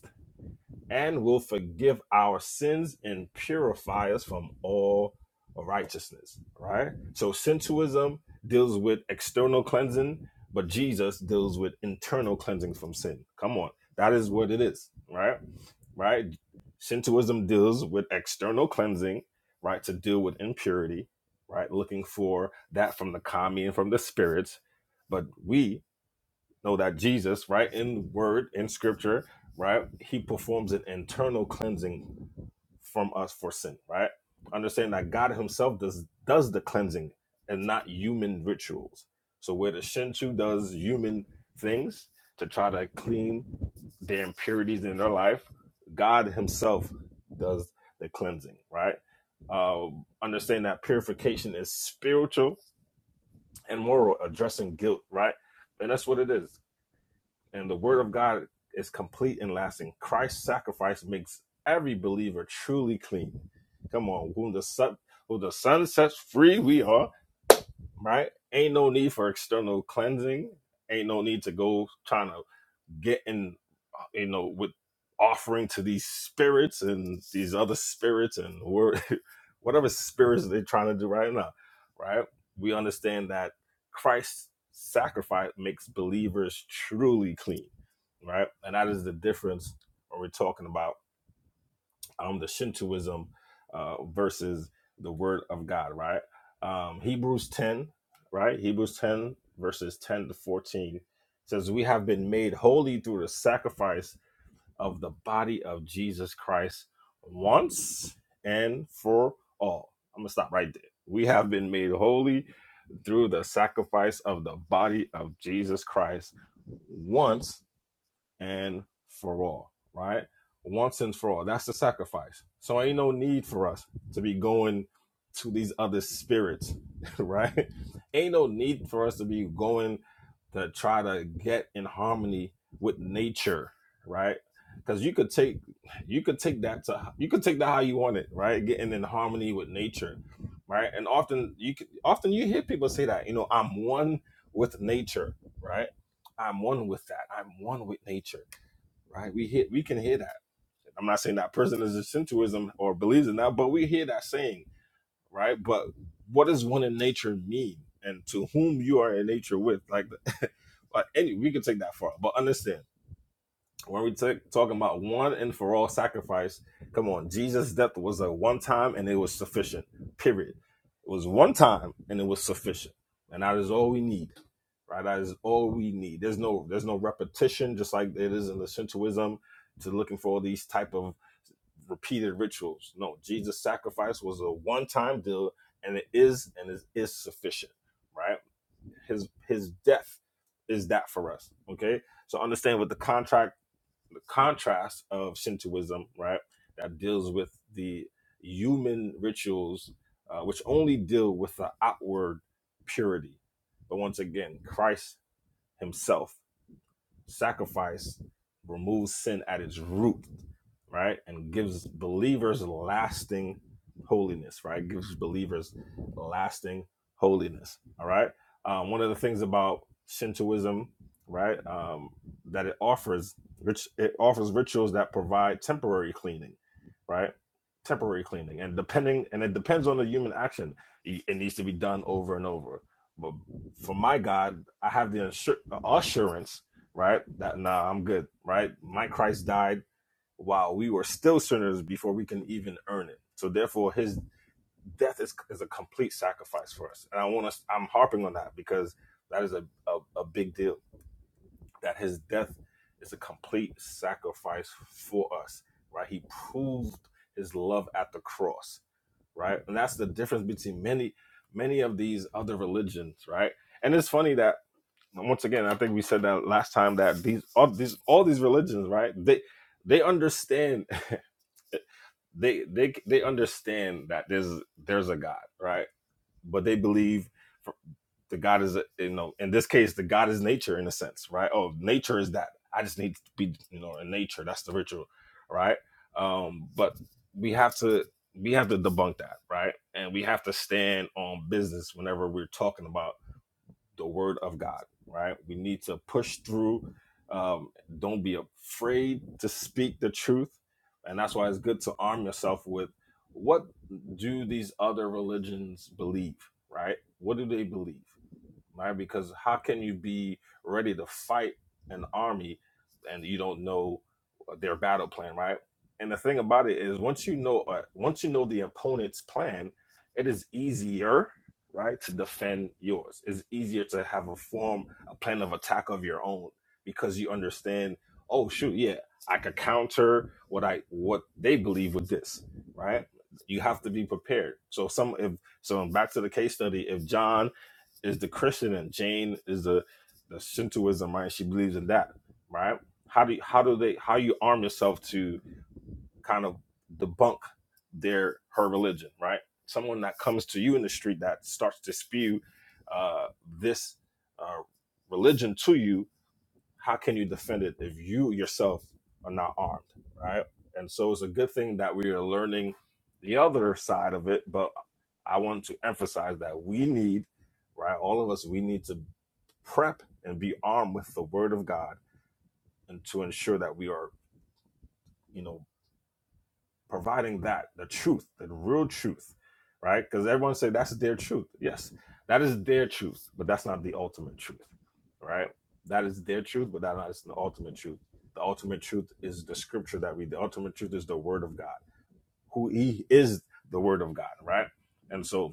Speaker 10: and will forgive our sins and purify us from all righteousness. Right? So sensuism deals with external cleansing, but Jesus deals with internal cleansing from sin. Come on. That is what it is, right? Right? Sensuism deals with external cleansing, right? To deal with impurity, right? Looking for that from the kami and from the spirits. But we know that Jesus, right, in word, in scripture, right, he performs an internal cleansing from us for sin, right? Understand that God himself does does the cleansing and not human rituals. So where the Shinchu does human things to try to clean their impurities in their life, God himself does the cleansing, right? Uh, understand that purification is spiritual and moral, addressing guilt, right? And that's what it is and the word of God is complete and lasting. Christ's sacrifice makes every believer truly clean. Come on, whom the sun, who the sun sets free, we are right. Ain't no need for external cleansing. Ain't no need to go trying to get in you know, with offering to these spirits and these other spirits and wor- whatever spirits they're trying to do right now, right? We understand that Christ's sacrifice makes believers truly clean, right? And that is the difference when we're talking about um, the Shintoism uh, versus the Word of God, right? Um, Hebrews 10, right? Hebrews 10, verses 10 to 14 says, We have been made holy through the sacrifice of the body of Jesus Christ once and for all. I'm going to stop right there. We have been made holy through the sacrifice of the body of Jesus Christ once and for all, right? Once and for all. That's the sacrifice. So ain't no need for us to be going to these other spirits, right? Ain't no need for us to be going to try to get in harmony with nature, right? Because you could take you could take that to you could take that how you want it, right? Getting in harmony with nature, right? And often you could, often you hear people say that, you know, I'm one with nature, right? I'm one with that. I'm one with nature right? We hear, we can hear that. I'm not saying that person is essentialism or believes in that, but we hear that saying, right? But what does one in nature mean, and to whom you are in nature with? Like, like any, we can take that far, but understand when we take talking about one and for all sacrifice. Come on, Jesus' death was a one time, and it was sufficient. Period. It was one time, and it was sufficient, and that is all we need right? That is all we need. There's no there's no repetition, just like it is in the Shintoism, to looking for all these type of repeated rituals. No, Jesus' sacrifice was a one time deal, and it is and it is, sufficient, right? His his death is that for us, okay? So understand what the contract the contrast of Shintoism, right? That deals with the human rituals, uh, which only deal with the outward purity. But once again, Christ himself Sacrifice removes sin at its root, right? And gives believers lasting holiness, right? Gives believers lasting holiness, all right? Um, one of the things about Shintoism, right, um, that it offers, which it offers rituals that provide temporary cleaning, right? Temporary cleaning, and depending, and it depends on the human action. It it needs to be done over and over. But for my God, I have the assur- assurance right? That nah, I'm good, right? My Christ died while we were still sinners before we can even earn it. So therefore, his death is is a complete sacrifice for us. And I want us I'm harping on that because that is a, a, a big deal. That his death is a complete sacrifice for us, right? He proved his love at the cross, right? And that's the difference between many many of these other religions, right? And it's funny that once again, I think we said that last time that these all these all these religions, right? They they understand they they they understand that there's there's a God, right? But they believe the God is you know in this case the God is nature in a sense, right? Oh, nature is that. I just need to be you know in nature. That's the ritual, right? Um, but we have to we have to debunk that, right? And we have to stand on business whenever we're talking about the word of God, right? We need to push through. Um, don't be afraid to speak the truth. And that's why it's good to arm yourself with what do these other religions believe, right? What do they believe? right? Because how can you be ready to fight an army and you don't know their battle plan, right? And the thing about it is, once you know, uh, once you know the opponent's plan, it is easier, right, to defend yours. It's easier to have a form, a plan of attack of your own because you understand. Oh shoot, yeah, I could counter what I what they believe with this, right? You have to be prepared. So some if so back to the case study, if John is the Christian and Jane is the the Shintoism, right? She believes in that, right? How do you, how do they how you arm yourself to kind of debunk their her religion, right? Someone that comes to you in the street that starts to spew uh, this uh, religion to you, how can you defend it if you yourself are not armed, right? And so it's a good thing that we are learning the other side of it, but I want to emphasize that we need, right, all of us, we need to prep and be armed with the word of God and to ensure that we are, you know, providing that the truth the real truth right because everyone say that's their truth yes that is their truth but that's not the ultimate truth right that is their truth but that is not the ultimate truth the ultimate truth is the scripture that we the ultimate truth is the word of god who he is the word of god right and so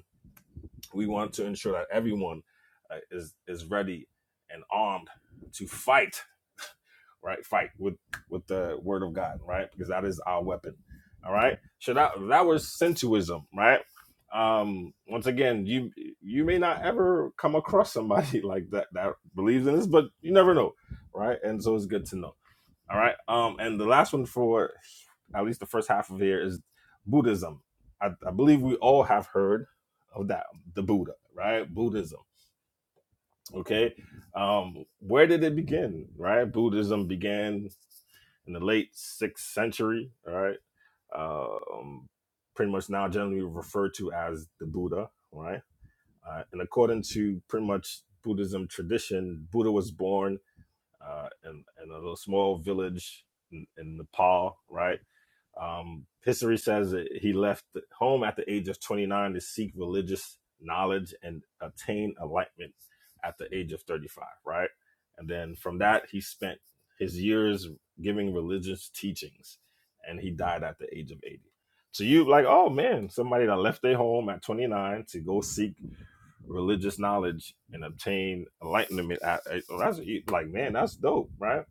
Speaker 10: we want to ensure that everyone uh, is is ready and armed to fight right? Fight with with the word of God, right? Because that is our weapon. All right. So that that was sensuism, right? Um, once again, you you may not ever come across somebody like that that believes in this, but you never know, right? And so it's good to know. All right. Um, and the last one for at least the first half of here is Buddhism. I, I believe we all have heard of that, the Buddha, right? Buddhism Okay. Um, where did it begin? Right? Buddhism began in the late sixth century, all right? Um, pretty much now generally referred to as the Buddha, right? Uh, and according to pretty much Buddhism tradition, Buddha was born uh, in, in a little small village in, in Nepal, right? Um, history says that he left home at the age of 29 to seek religious knowledge and attain enlightenment at the age of 35, right? And then from that, he spent his years giving religious teachings and he died at the age of 80. So you like, oh man, somebody that left their home at 29 to go seek religious knowledge and obtain enlightenment. At, at- well, that's like, man, that's dope, right?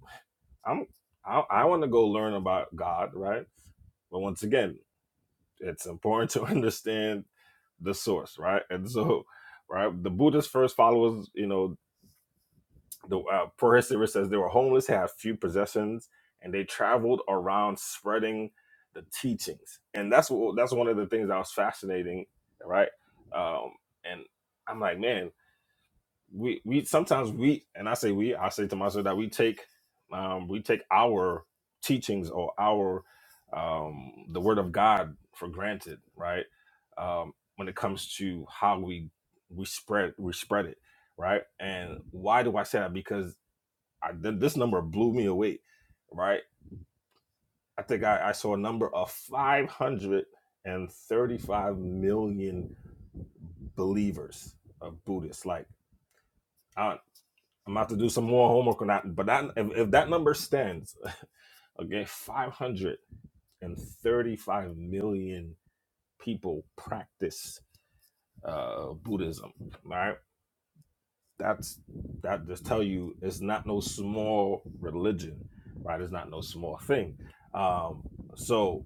Speaker 10: I'm, I, I want to go learn about God, right? But once again, it's important to understand the source, right? And so, right, the Buddha's first followers, you know, the uh, poor says they were homeless, had few possessions, and they traveled around spreading the teachings. And that's what that's one of the things that was fascinating, right? Um, and I'm like, man, we we sometimes we and I say we I say to myself that we take um, we take our teachings or our um, the word of God for granted, right? Um, when it comes to how we we spread we spread it, right? And why do I say that? Because I, th- this number blew me away, right? I think I, I saw a number of 535 million believers of Buddhists. Like I, I'm about to do some more homework on that. But that if, if that number stands, okay, 535 million people practice uh, Buddhism. Right? That's that just tell you it's not no small religion, right? It's not no small thing. Um, so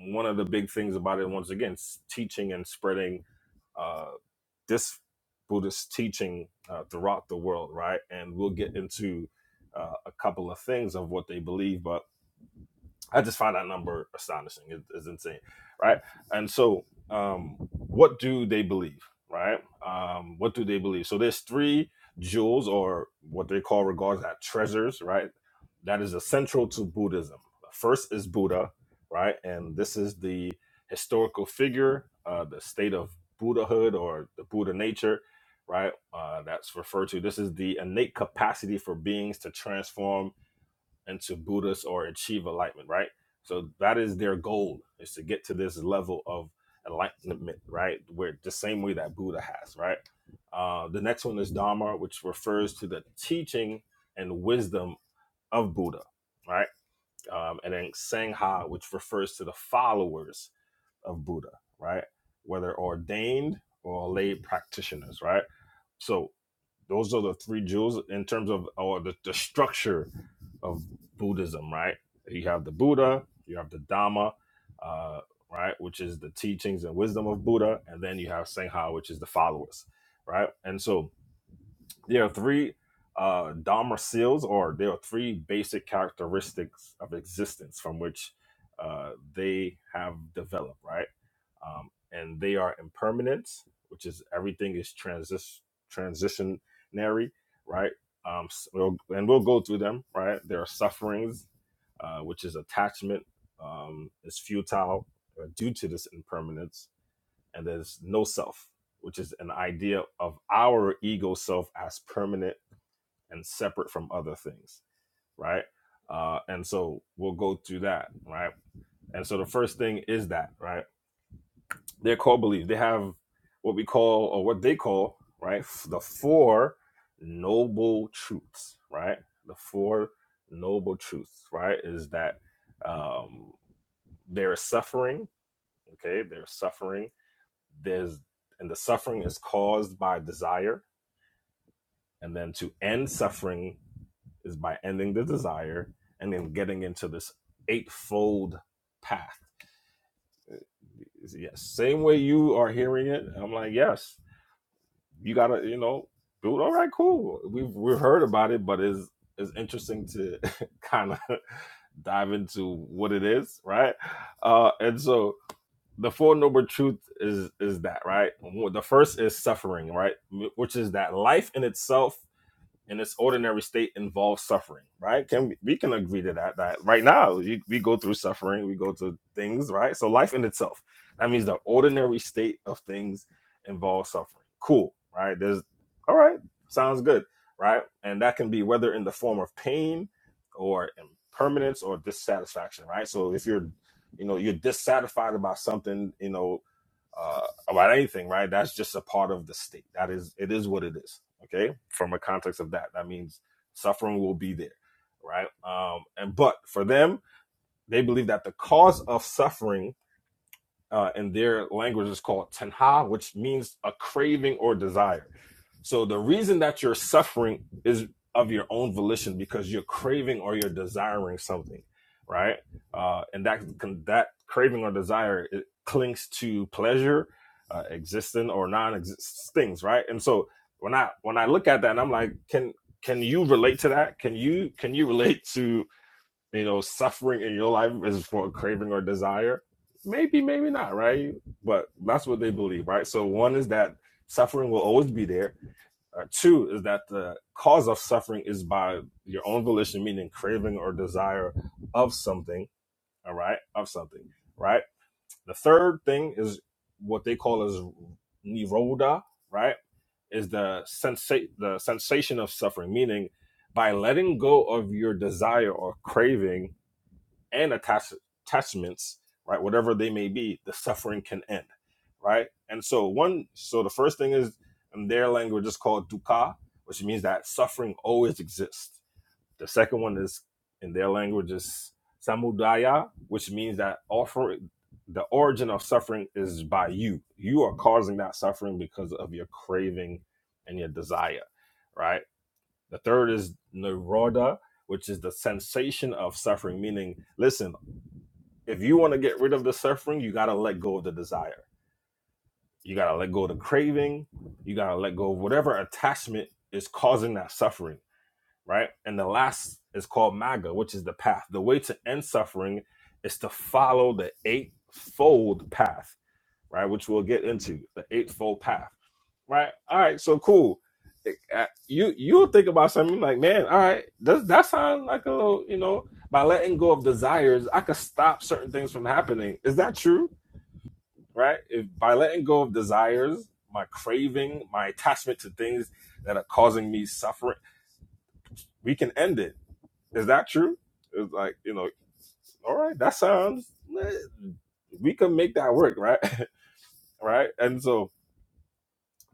Speaker 10: one of the big things about it, once again, s- teaching and spreading uh, this Buddhist teaching uh, throughout the world, right? And we'll get into uh, a couple of things of what they believe, but I just find that number astonishing. It, it's insane, right? And so, um, what do they believe, right? Um, what do they believe? So there's three jewels, or what they call regards as treasures, right? That is essential to Buddhism. First is Buddha, right? And this is the historical figure, uh, the state of Buddhahood or the Buddha nature, right? Uh, that's referred to. This is the innate capacity for beings to transform and to Buddhas or achieve enlightenment, right? So that is their goal is to get to this level of enlightenment, right? Where the same way that Buddha has, right? Uh, the next one is Dharma, which refers to the teaching and wisdom of Buddha, right? Um, and then Sangha, which refers to the followers of Buddha, right? Whether ordained or lay practitioners, right? So those are the three jewels in terms of or the, the structure of Buddhism, right? You have the Buddha, you have the Dhamma, uh, right, which is the teachings and wisdom of Buddha, and then you have Sangha, which is the followers, right? And so there are three uh, Dharma seals, or there are three basic characteristics of existence from which uh, they have developed, right? um, and they are impermanent, which is everything is transis- transitionary, right? Um, s- we'll, and we'll go through them, right? There are sufferings, uh, which is attachment, um, is futile uh, due to this impermanence, and there's no self, which is an idea of our ego self as permanent and separate from other things, right? Uh, and so we'll go through that, right? And so the first thing is that, right? their core beliefs. They have what we call, or what they call, right, the four noble truths, right? The four noble truths, right, is that um, there is suffering, okay? There's suffering. There's, and the suffering is caused by desire. And then to end suffering is by ending the desire and then getting into this eightfold path. Yes, same way you are hearing it. I'm like, yes, you gotta, you know, dude, all right, cool. We've we've heard about it, but it's it's interesting to kind of dive into what it is, right? Uh and so the four noble truth is is that, right? The first is suffering, right? Which is that life in itself in its ordinary state involves suffering, right? Can we, we can agree to that? That right now you, we go through suffering, we go through things, right? So life in itself, that means the ordinary state of things involves suffering. Cool, right? There's all right, sounds good, right? And that can be whether in the form of pain or impermanence or dissatisfaction, right? So if you're, you know, you're dissatisfied about something, you know, uh, about anything, right? That's just a part of the state. That is, it is what it is. Okay. From a context of that, that means suffering will be there, right? Um, and but for them, they believe that the cause of suffering uh, in their language is called tanha, which means a craving or desire. So the reason that you're suffering is of your own volition because you're craving or you're desiring something, right? Uh, and that that craving or desire it clings to pleasure, uh, existing or non-existent things, right? And so when I when I look at that, and I'm like, can can you relate to that? Can you can you relate to you know, suffering in your life is for a craving or desire. Maybe, maybe not, right? But that's what they believe, right? So one is that suffering will always be there. Uh, two is that the cause of suffering is by your own volition, meaning craving or desire of something. All right, of something. Right. The third thing is what they call as niroda. Right, is the sensa- the sensation of suffering, meaning by letting go of your desire or craving and attach, attachments, right? Whatever they may be, the suffering can end, right? And so one, so the first thing is in their language is called dukkha, which means that suffering always exists. The second one is in their language is samudaya, which means that offer the origin of suffering is by you. You are causing that suffering because of your craving and your desire, right? The third is nirodha, which is the sensation of suffering, meaning, listen, if you want to get rid of the suffering, you got to let go of the desire. You got to let go of the craving. You got to let go of whatever attachment is causing that suffering, right? And the last is called MAGA, which is the path. The way to end suffering is to follow the eightfold path right? Which we'll get into the eightfold path, right? All right, so cool. Uh, You you'll think about something like, man, all right, does that sound like a little, you know, by letting go of desires, I could stop certain things from happening. Is that true? Right? If by letting go of desires, my craving, my attachment to things that are causing me suffering, we can end it. Is that true? It's like, you know, all right, that sounds eh, we can make that work, right? right? And so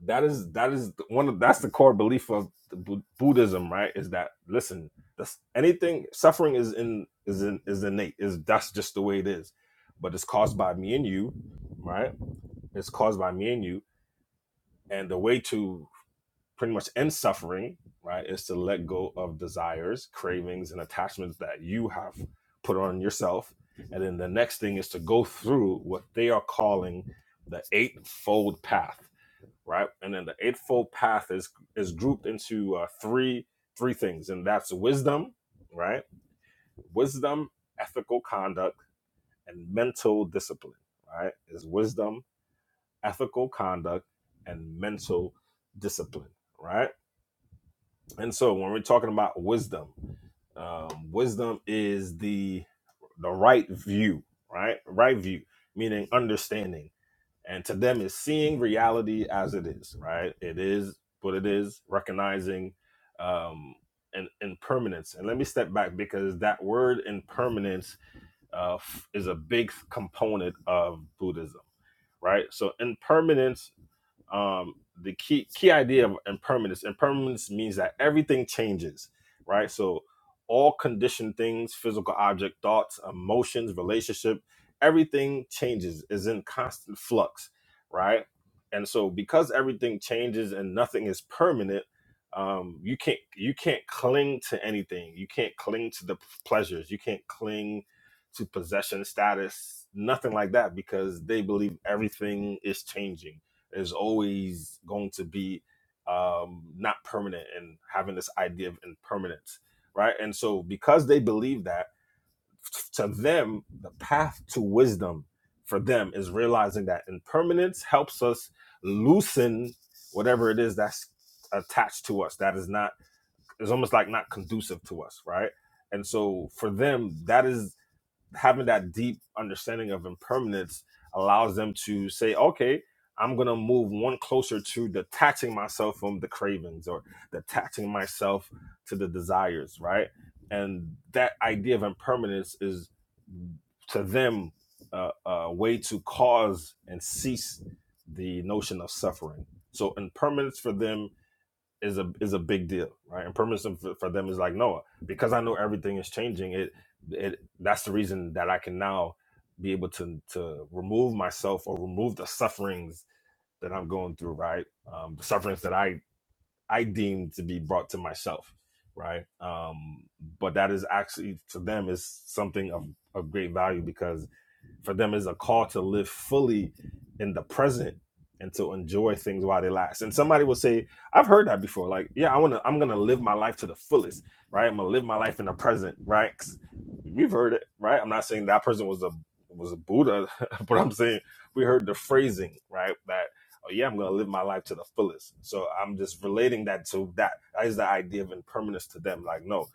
Speaker 10: that is that is one of that's the core belief of the Bu- Buddhism, right? Is that listen, this, anything suffering is in is in is innate. Is that's just the way it is, but it's caused by me and you, right? It's caused by me and you, and the way to pretty much end suffering, right, is to let go of desires, cravings, and attachments that you have put on yourself, and then the next thing is to go through what they are calling the eightfold path right? And then the eightfold path is is grouped into uh, three three things, and that's wisdom, right? Wisdom, ethical conduct, and mental discipline, right? Is wisdom, ethical conduct, and mental discipline, right? And so when we're talking about wisdom, um, wisdom is the the right view, right? Right view, meaning understanding and to them is seeing reality as it is right it is what it is recognizing um and impermanence and let me step back because that word impermanence uh, f- is a big component of buddhism right so impermanence um, the key key idea of impermanence. Impermanence means that everything changes, right? So all conditioned things, physical object, thoughts, emotions, relationship, everything changes, is in constant flux, right? And so because everything changes and nothing is permanent, um, you can't you can't cling to anything. You can't cling to the pleasures. You can't cling to possession status, nothing like that, because they believe everything is changing is always going to be um, not permanent and having this idea of impermanence, right? And so, because they believe that, to them, the path to wisdom for them is realizing that impermanence helps us loosen whatever it is that's attached to us that is not, it's almost like not conducive to us, right? And so, for them, that is having that deep understanding of impermanence allows them to say, okay, I'm going to move one closer to detaching myself from the cravings or detaching myself to the desires, right? And that idea of impermanence is to them a, a way to cause and cease the notion of suffering. So impermanence for them is a is a big deal, right? And permanency for, for them is like no, because I know everything is changing. It it that's the reason that I can now be able to to remove myself or remove the sufferings that I'm going through, right? Um, the sufferings that I I deem to be brought to myself, right? Um, but that is actually to them is something of of great value because for them is a call to live fully in the present and to enjoy things while they last. And somebody will say, I've heard that before. Like, yeah, I want to, I'm going to live my life to the fullest, right? I'm going to live my life in the present, right? 'Cause We've heard it, right? I'm not saying that person was a, was a Buddha, but I'm saying we heard the phrasing, right? That, oh yeah, I'm going to live my life to the fullest. So I'm just relating that to that. That is the idea of impermanence to them. Like, no,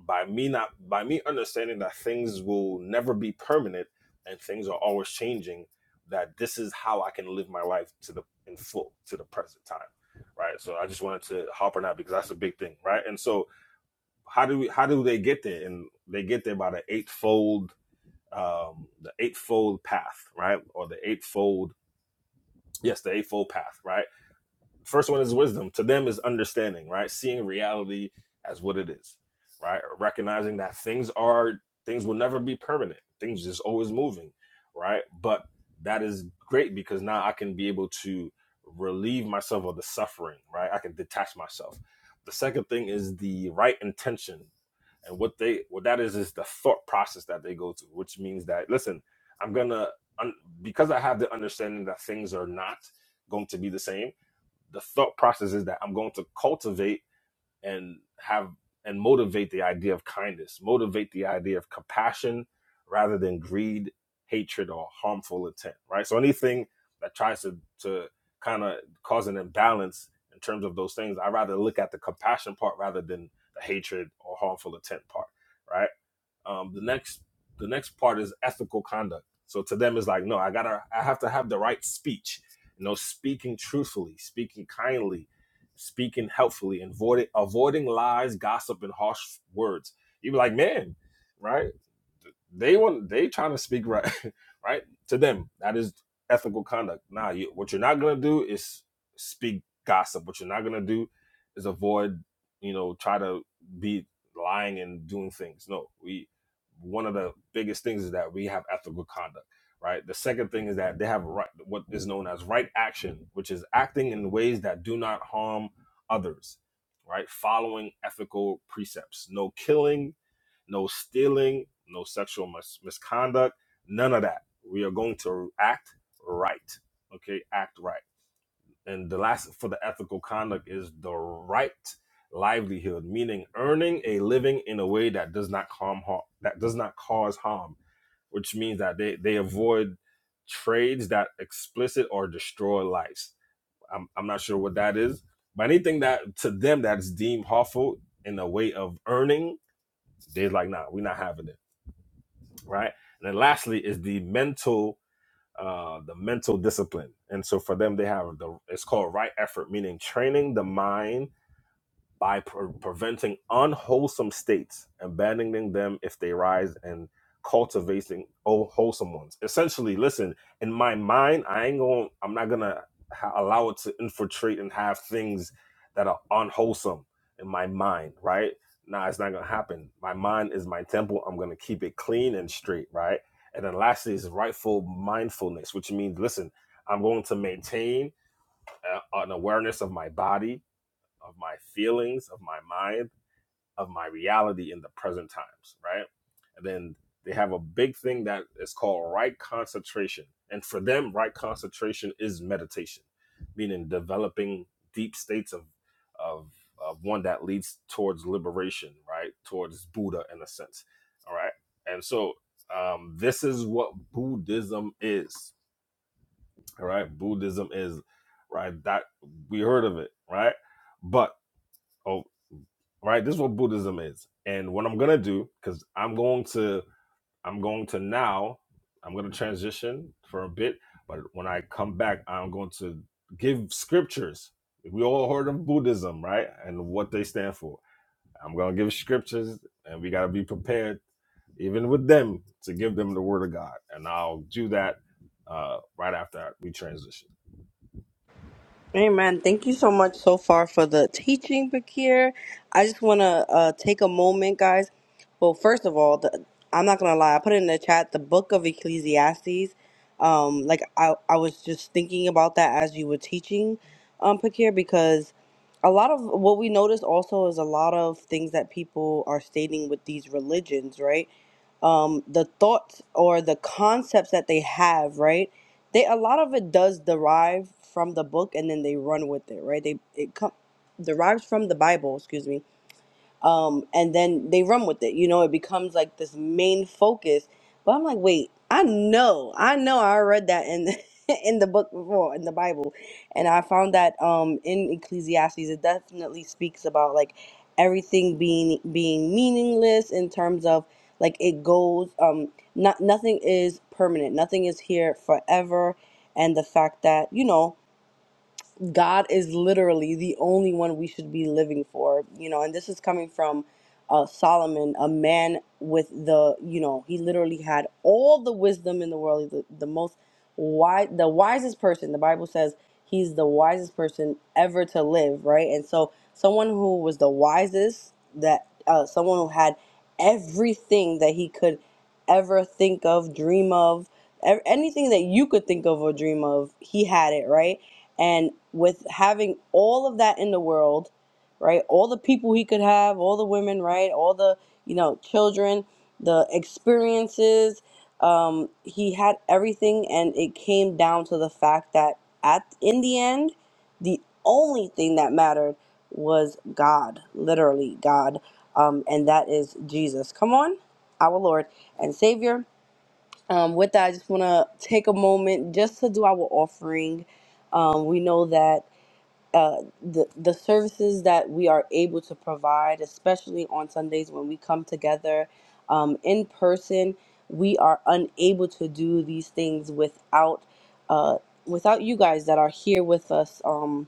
Speaker 10: by me not by me understanding that things will never be permanent and things are always changing that this is how i can live my life to the in full to the present time right so i just wanted to hop on that because that's a big thing right and so how do we how do they get there and they get there by the eightfold um the eightfold path right or the eightfold yes the eightfold path right first one is wisdom to them is understanding right seeing reality as what it is right recognizing that things are things will never be permanent things just always moving right but that is great because now i can be able to relieve myself of the suffering right i can detach myself the second thing is the right intention and what they what that is is the thought process that they go to which means that listen i'm gonna because i have the understanding that things are not going to be the same the thought process is that I'm going to cultivate and have and motivate the idea of kindness, motivate the idea of compassion rather than greed, hatred, or harmful intent, right? So anything that tries to to kind of cause an imbalance in terms of those things, I rather look at the compassion part rather than the hatred or harmful intent part, right? Um, the next the next part is ethical conduct. So to them it's like, no, I gotta I have to have the right speech. You know, speaking truthfully, speaking kindly, speaking helpfully, avoiding avoiding lies, gossip, and harsh words. You be like, man, right? They want they trying to speak right, right to them. That is ethical conduct. Nah, you, what you're not gonna do is speak gossip. What you're not gonna do is avoid, you know, try to be lying and doing things. No, we one of the biggest things is that we have ethical conduct, right? The second thing is that they have right what is known as right action, which is acting in ways that do not harm others, right? Following ethical precepts, no killing, no stealing, no sexual mis- misconduct, none of that. We are going to act right. Okay, act right. And the last for the ethical conduct is the right livelihood, meaning earning a living in a way that does not harm har- that does not cause harm, which means that they, they avoid trades that explicit or destroy lives. I'm, I'm not sure what that is, but anything that to them that's deemed harmful in a way of earning, they're like, nah, we're not having it right? And then lastly is the mental, uh, the mental discipline. And so for them, they have the it's called right effort, meaning training the mind by pre- preventing unwholesome states, and abandoning them if they rise, and cultivating oh, wholesome ones. Essentially, listen, in my mind, I ain't going, to I'm not gonna ha- allow it to infiltrate and have things that are unwholesome in my mind, right? Nah, it's not gonna happen. My mind is my temple. I'm gonna keep it clean and straight, right? And then lastly is rightful mindfulness, which means, listen, I'm going to maintain uh, an awareness of my body of my feelings, of my mind, of my reality in the present times, right? And then they have a big thing that is called right concentration. And for them, right concentration is meditation, meaning developing deep states of of, of one that leads towards liberation, right? Towards Buddha in a sense. All right. And so um, this is what Buddhism is. All right. Buddhism is right that we heard of it, right? But Oh, right. This is what Buddhism is. And what I'm gonna do, because I'm going to, I'm going to now, I'm gonna transition for a bit, but when I come back, I'm going to give scriptures. We all heard of Buddhism, right? And what they stand for. I'm gonna give scriptures, and we gotta be prepared, even with them, to give them the word of God. And I'll do that uh, right after we transition.
Speaker 1: Amen. Thank you so much so far for the teaching, Bakir. I just want to uh, take a moment, guys. Well, first of all, the, I'm not going to lie. I put it in the chat the book of Ecclesiastes. Um, like, I, I was just thinking about that as you were teaching, um, Bakir, because a lot of what we notice also is a lot of things that people are stating with these religions, right? um, the thoughts or the concepts that they have, right? They a lot of it does derive from the book, and then they run with it, right? They it com- derives from the Bible, excuse me, um, and then they run with it. You know, it becomes like this main focus. But I'm like, wait, I know, I know, I read that in the, in the book before in the Bible, and I found that um, in Ecclesiastes it definitely speaks about like everything being being meaningless in terms of like it goes um not nothing is permanent nothing is here forever and the fact that you know God is literally the only one we should be living for, you know, and this is coming from uh, Solomon, a man with the, you know, he literally had all the wisdom in the world, the, the most wise, the wisest person. The Bible says he's the wisest person ever to live, right? And so, someone who was the wisest, that uh, someone who had everything that he could ever think of, dream of, ev- anything that you could think of or dream of, he had it, right? And with having all of that in the world, right? All the people he could have, all the women, right? All the, you know, children, the experiences. Um, he had everything, and it came down to the fact that at in the end, the only thing that mattered was God, literally God, um, and that is Jesus. Come on, our Lord and Savior. Um, with that, I just want to take a moment just to do our offering. Um, we know that uh, the the services that we are able to provide, especially on Sundays when we come together um, in person, we are unable to do these things without uh, without you guys that are here with us um,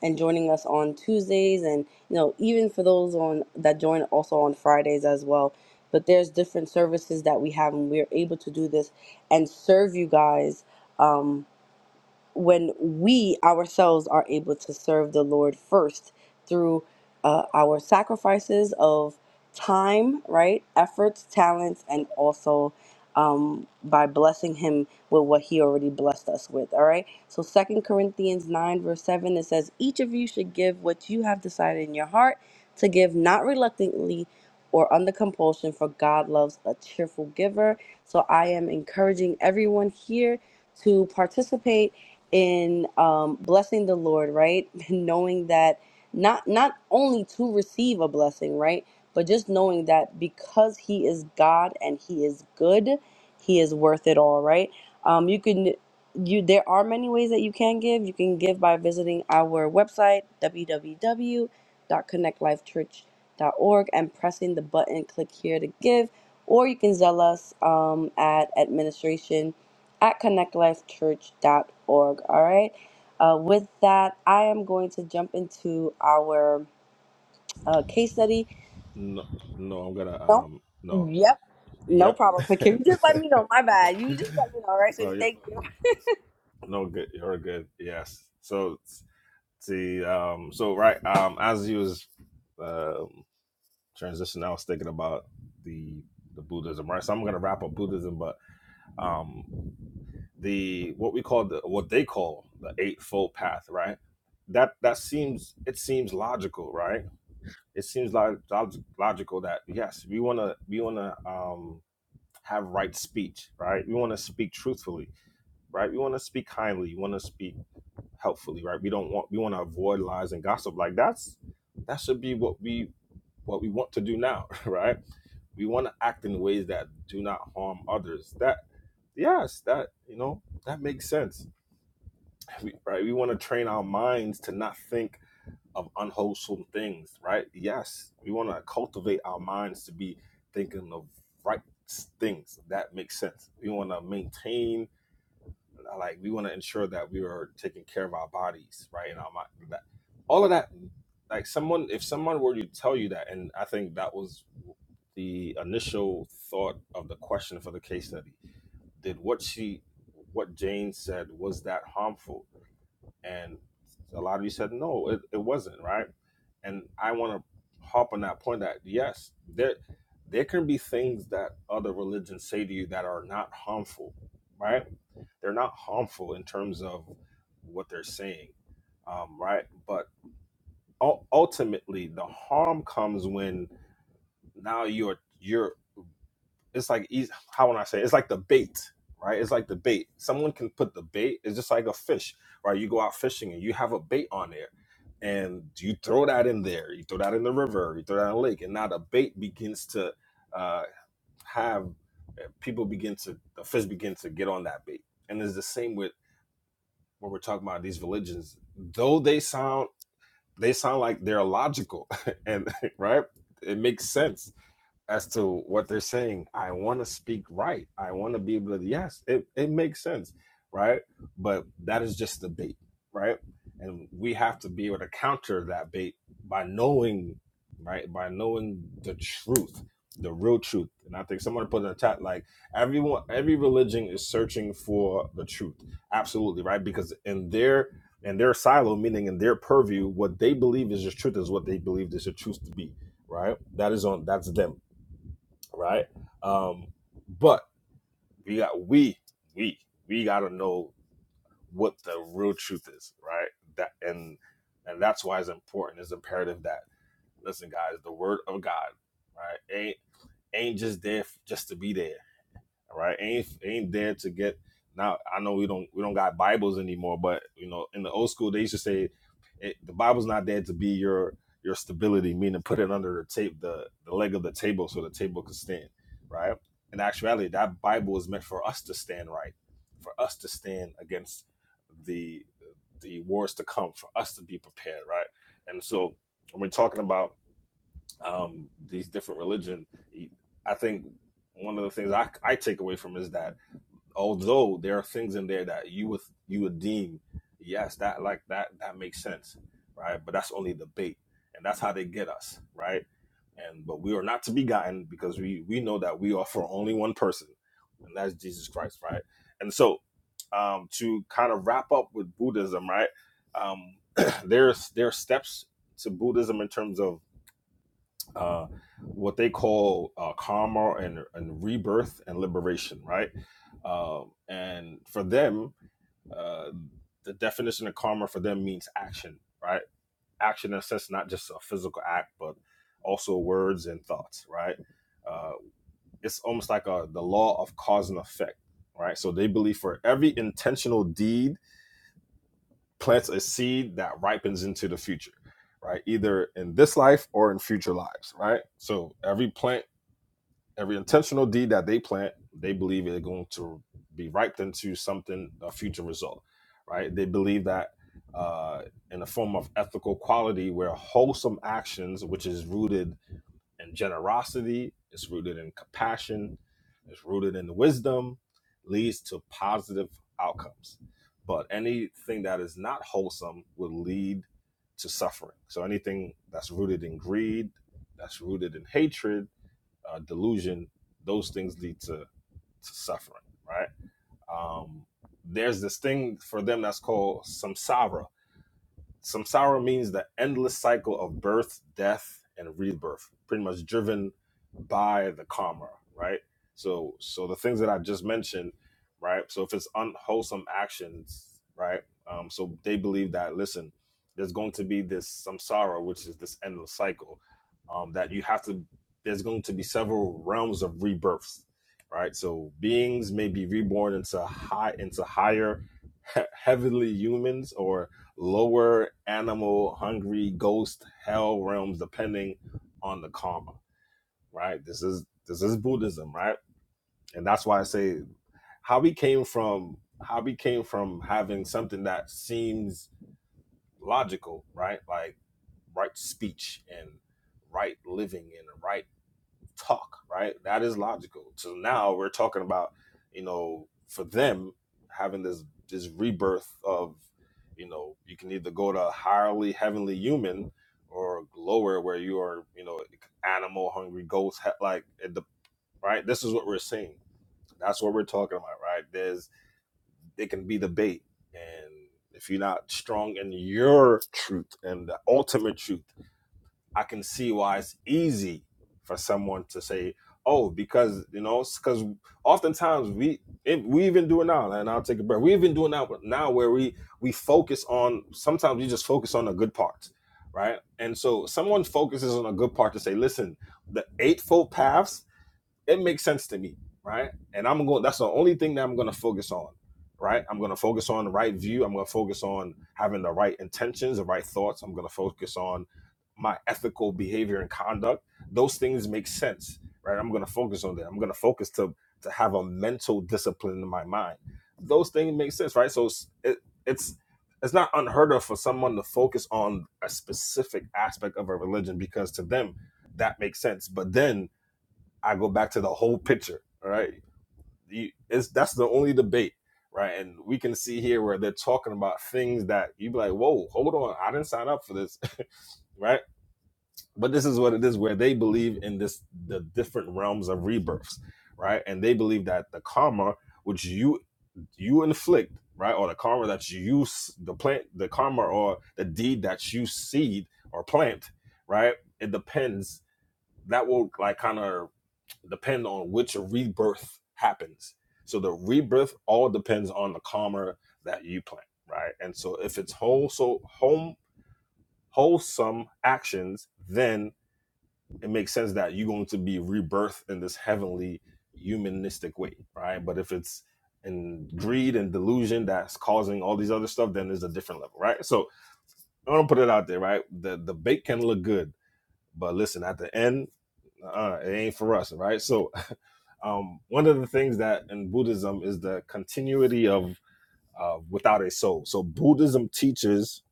Speaker 1: and joining us on Tuesdays, and you know even for those on that join also on Fridays as well. But there's different services that we have, and we're able to do this and serve you guys. Um, when we ourselves are able to serve the Lord first through uh, our sacrifices of time, right? Efforts, talents, and also um, by blessing Him with what He already blessed us with, all right? So, Second Corinthians 9, verse 7, it says, Each of you should give what you have decided in your heart to give, not reluctantly or under compulsion, for God loves a cheerful giver. So, I am encouraging everyone here to participate in um, blessing the Lord, right? And knowing that not not only to receive a blessing, right, but just knowing that because He is God and He is good, He is worth it all, right? Um, you can you there are many ways that you can give. You can give by visiting our website w w w dot connect life church dot org and pressing the button click here to give, or you can zell us um, at administration at connect life church dot org. All right. Uh, with that, I am going to jump into our uh, case study.
Speaker 10: No, no, I'm gonna
Speaker 1: Don't.
Speaker 10: um no.
Speaker 1: yep, no
Speaker 10: Yep.
Speaker 1: problem. But can you just let me know? My bad. You just let me know, all right,
Speaker 10: no,
Speaker 1: sweetie?
Speaker 10: you're,
Speaker 1: Thank you.
Speaker 10: no good. You're good. Yes. So see, um, so right, um, as you was um, transitioning, I was thinking about the the Buddhism, right? So I'm gonna wrap up Buddhism, but um, the what we call the what they call the eightfold path, right? That that seems it seems logical, right? It seems like log- logical that yes, we wanna we wanna um have right speech, right? We wanna speak truthfully, right? We wanna speak kindly. You wanna speak helpfully, right? We don't want we want to avoid lies and gossip. Like that's that should be what we what we want to do now, right? We want to act in ways that do not harm others. That yes, that you know that makes sense, we, right? We want to train our minds to not think of unwholesome things, right? Yes, we want to cultivate our minds to be thinking of right things. That makes sense. We want to maintain like we want to ensure that we are taking care of our bodies right and our mi- that, all of that like someone if someone were to tell you that and i think that was the initial thought of the question for the case study did what she what jane said was that harmful and a lot of you said no it, it wasn't right and i want to hop on that point that yes there there can be things that other religions say to you that are not harmful right they're not harmful in terms of what they're saying, um, right? But ul- ultimately, the harm comes when now you're you're. It's like eas- how would I say? It? It's like the bait, right? It's like the bait. Someone can put the bait. It's just like a fish, right? You go out fishing and you have a bait on there, and you throw that in there. You throw that in the river. You throw that in the lake, and now the bait begins to uh, have eh, people begin to the fish begin to get on that bait and it's the same with when we're talking about these religions, though they sound they sound like they're logical and right, it makes sense as to what they're saying. I want to speak right. I want to be able to, yes, it, it makes sense, right? But that is just the bait, right? And we have to be able to counter that bait by knowing, right? By knowing the truth, the real truth. And I think someone put in the chat, like, everyone, every religion is searching for the truth. Absolutely, right? Because in their, in their silo, meaning in their purview, what they believe is the truth is what they believe is the truth to be, right? That is on, that's them right? Um, but we got we we we got to know what the real truth is, right? That and and that's why it's important. It's imperative that listen, guys, the word of God, right, ain't ain't just there f- just to be there. All right, ain't ain't there to get now. I know we don't we don't got Bibles anymore, but you know in the old school they used to say it, the Bible's not there to be your your stability, meaning put it under the tape the the leg of the table so the table can stand, right? In actuality, that Bible is meant for us to stand right, for us to stand against the the wars to come, for us to be prepared, right? And so when we're talking about um, these different religion, I think one of the things I, I take away from is that although there are things in there that you would you would deem yes that like that that makes sense right but that's only the bait and that's how they get us right and but we are not to be gotten because we we know that we are for only one person and that's jesus christ right and so um to kind of wrap up with buddhism right um there's there are steps to buddhism in terms of uh, what they call uh, karma and, and rebirth and liberation, right? Um, and for them, uh, the definition of karma for them means action, right? Action in a sense, not just a physical act, but also words and thoughts, right? Uh, it's almost like a, the law of cause and effect, right? So they believe for every intentional deed plants a seed that ripens into the future, right? Either in this life or in future lives, right? So every plant every intentional deed that they plant, they believe it's going to be ripe into something, a future result, right? They believe that uh, in a form of ethical quality where wholesome actions, which is rooted in generosity, it's rooted in compassion, it's rooted in wisdom, leads to positive outcomes. But anything that is not wholesome will lead to suffering. So anything that's rooted in greed, that's rooted in hatred, uh, delusion, those things lead to, to suffering, right? Um, there's this thing for them that's called samsara, Samsara means the endless cycle of birth, death, and rebirth, pretty much driven by the karma, right? So, so the things that I just mentioned, right? So, if it's unwholesome actions, right? Um, so they believe that listen, there's going to be this samsara, which is this endless cycle, um, that you have to. There's going to be several realms of rebirths, right? So beings may be reborn into high into higher, heavenly humans or lower animal hungry ghost hell realms depending on the karma right this is this is buddhism right and that's why i say how we came from how we came from having something that seems logical right like right speech and right living and right talk, right? That is logical. So now we're talking about, you know, for them having this this rebirth of, you know, you can either go to a highly heavenly human or lower where you are, you know, animal hungry ghost he- like at the right. This is what we're seeing. That's what we're talking about, right? There's it can be debate, and if you're not strong in your truth and the ultimate truth. I can see why it's easy for someone to say, "Oh, because you know," because oftentimes we it, we even do it now, and I'll take a breath. We even do it now, now where we we focus on. Sometimes we just focus on the good parts, right? And so someone focuses on a good part to say, "Listen, the eightfold paths." it makes sense to me, right? And I'm going. That's the only thing that I'm going to focus on, right? I'm going to focus on the right view. I'm going to focus on having the right intentions, the right thoughts. I'm going to focus on my ethical behavior and conduct. Those things make sense, right? I'm going to focus on that. I'm going to focus to to have a mental discipline in my mind. Those things make sense, right? So it's- it, it's it's not unheard of for someone to focus on a specific aspect of a religion because to them that makes sense. But then I go back to the whole picture. All right, you, it's that's the only debate, right? And we can see here where they're talking about things that you be like, "Whoa, hold on, I didn't sign up for this," right? But this is what it is, where they believe in this the different realms of rebirths, right? And they believe that the karma which you you inflict, right, or the karma that you use the plant, the karma or the deed that you seed or plant, right? It depends. That will like kind of depend on which rebirth happens. So the rebirth all depends on the karma that you plant, right? And so if it's whole, so home, wholesome actions, then it makes sense that you're going to be rebirthed in this heavenly humanistic way, right? But if it's in greed and delusion that's causing all these other stuff, then it's a different level, right? So I want to put it out there, right? The the bait can look good, but listen, at the end, uh, it ain't for us, right? So um, one of the things that in Buddhism is the continuity of uh, without a soul. So Buddhism teaches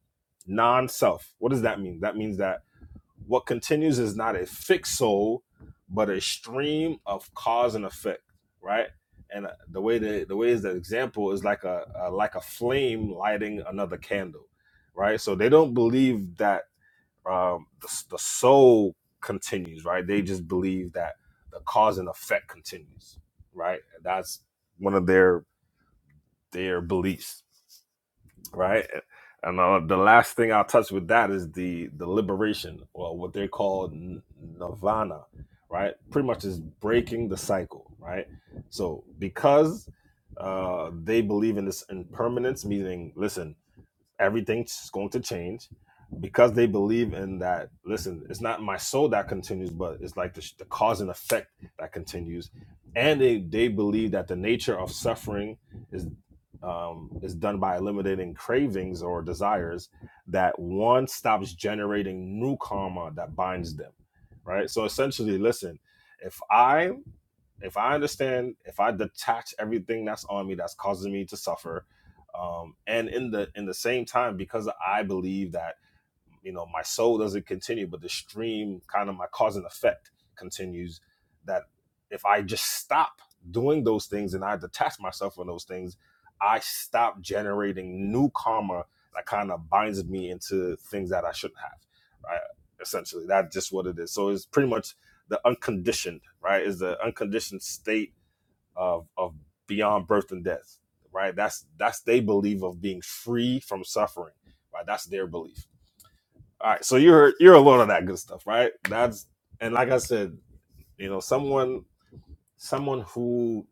Speaker 10: non-self. What does that mean? That means that what continues is not a fixed soul, but a stream of cause and effect, right? And uh, the way the the way is the example is like a, a like a flame lighting another candle, right? So they don't believe that um, the, the soul continues, right? They just believe that the cause and effect continues, right? That's one of their their beliefs, right? And uh, the last thing I'll touch with that is the the liberation, or what they call n- nirvana, right? Pretty much is breaking the cycle, right? So because uh, they believe in this impermanence, meaning, listen, everything's going to change because they believe in that listen it's not my soul that continues but it's like the, sh- the cause and effect that continues and they, they believe that the nature of suffering is um, is done by eliminating cravings or desires that one stops generating new karma that binds them right so essentially listen if i if I understand, if I detach everything that's on me that's causing me to suffer, um, and in the in the same time, because I believe that you know my soul doesn't continue but the stream kind of my cause and effect continues that if i just stop doing those things and i detach myself from those things i stop generating new karma that kind of binds me into things that i shouldn't have right essentially that's just what it is so it's pretty much the unconditioned right is the unconditioned state of of beyond birth and death right that's that's they believe of being free from suffering right that's their belief all right, so you're you're alone on that good stuff, right? That's and like I said, you know, someone someone who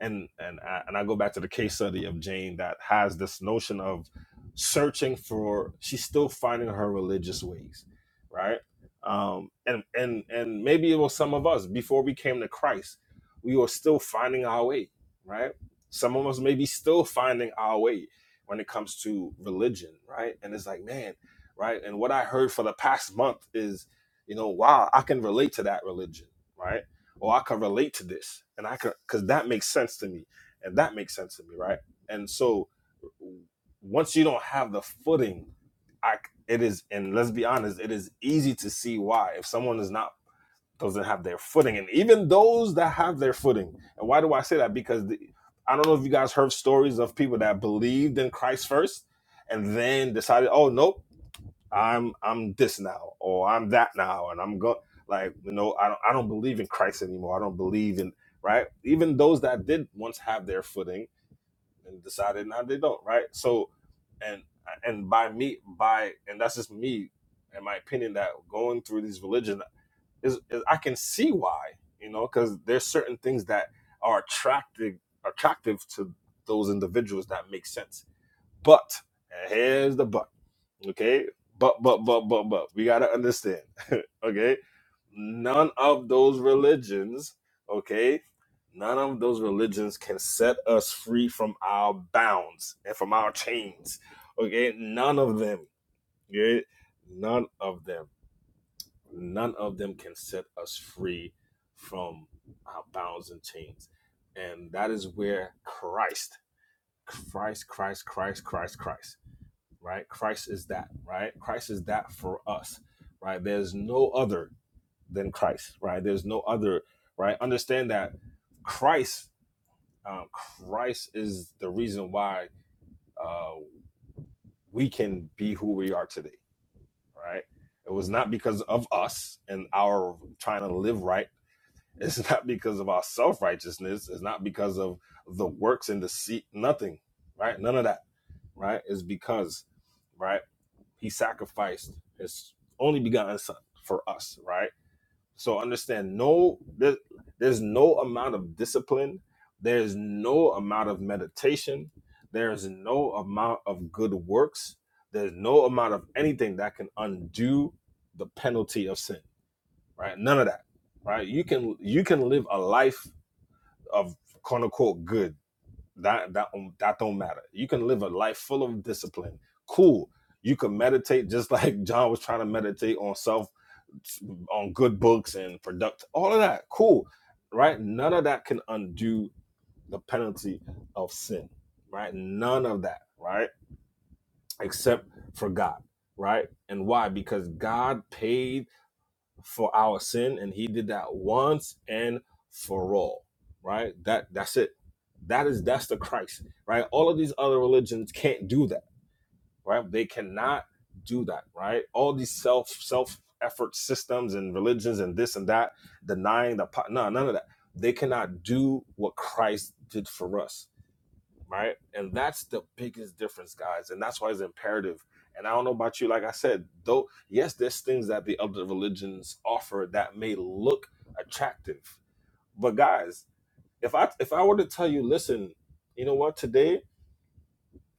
Speaker 10: and and I, and I go back to the case study of Jane that has this notion of searching for she's still finding her religious ways, right? Um, and and and maybe it was some of us before we came to Christ, we were still finding our way, right? Some of us may be still finding our way when it comes to religion, right? And it's like, man, right? And what I heard for the past month is, you know, wow, I can relate to that religion, right? or I can relate to this, and I can because that makes sense to me, and that makes sense to me, right? And so once you don't have the footing, I it is, and let's be honest, it is easy to see why if someone is not doesn't have their footing, and even those that have their footing, and why do I say that? Because the, I don't know if you guys heard stories of people that believed in Christ first, and then decided, oh nope. I'm I'm this now or I'm that now and I'm go like you know I don't I don't believe in Christ anymore. I don't believe in right. Even those that did once have their footing and decided now they don't right. So and and by me by and that's just me and my opinion that going through these religions is, is I can see why you know because there's certain things that are attractive attractive to those individuals that make sense. But and here's the but Okay. But, but, but, but, but, we got to understand. okay. None of those religions, okay, none of those religions can set us free from our bounds and from our chains. Okay. None of them. Okay. None of them. None of them can set us free from our bounds and chains. And that is where Christ, Christ, Christ, Christ, Christ, Christ right? Christ is that, right? Christ is that for us, right? There's no other than Christ, right? There's no other, right? Understand that Christ, um, Christ is the reason why uh, we can be who we are today, right? It was not because of us and our trying to live right. It's not because of our self righteousness. It's not because of the works and the seat. Nothing, right? None of that, right? It's because, right? He sacrificed his only begotten son for us, right? So understand no there, there's no amount of discipline, there's no amount of meditation, there's no amount of good works, there's no amount of anything that can undo the penalty of sin, right? None of that. Right? You can you can live a life of quote unquote good that that don't- that don't matter. You can live a life full of discipline. Cool. You can meditate just like John was trying to meditate on self, on good books and product. All of that. Cool. Right. None of that can undo the penalty of sin. Right. None of that. Right. Except for God. Right. And why? Because God paid for our sin and he did that once and for all right that that's it that is that's the christ right all of these other religions can't do that right they cannot do that right all these self self effort systems and religions and this and that denying the po- no none of that they cannot do what christ did for us right? And that's the biggest difference, guys. And that's why it's imperative. And I don't know about you, like I said, though, yes, there's things that the other religions offer that may look attractive. But guys, if I if I were to tell you, listen, you know what, today,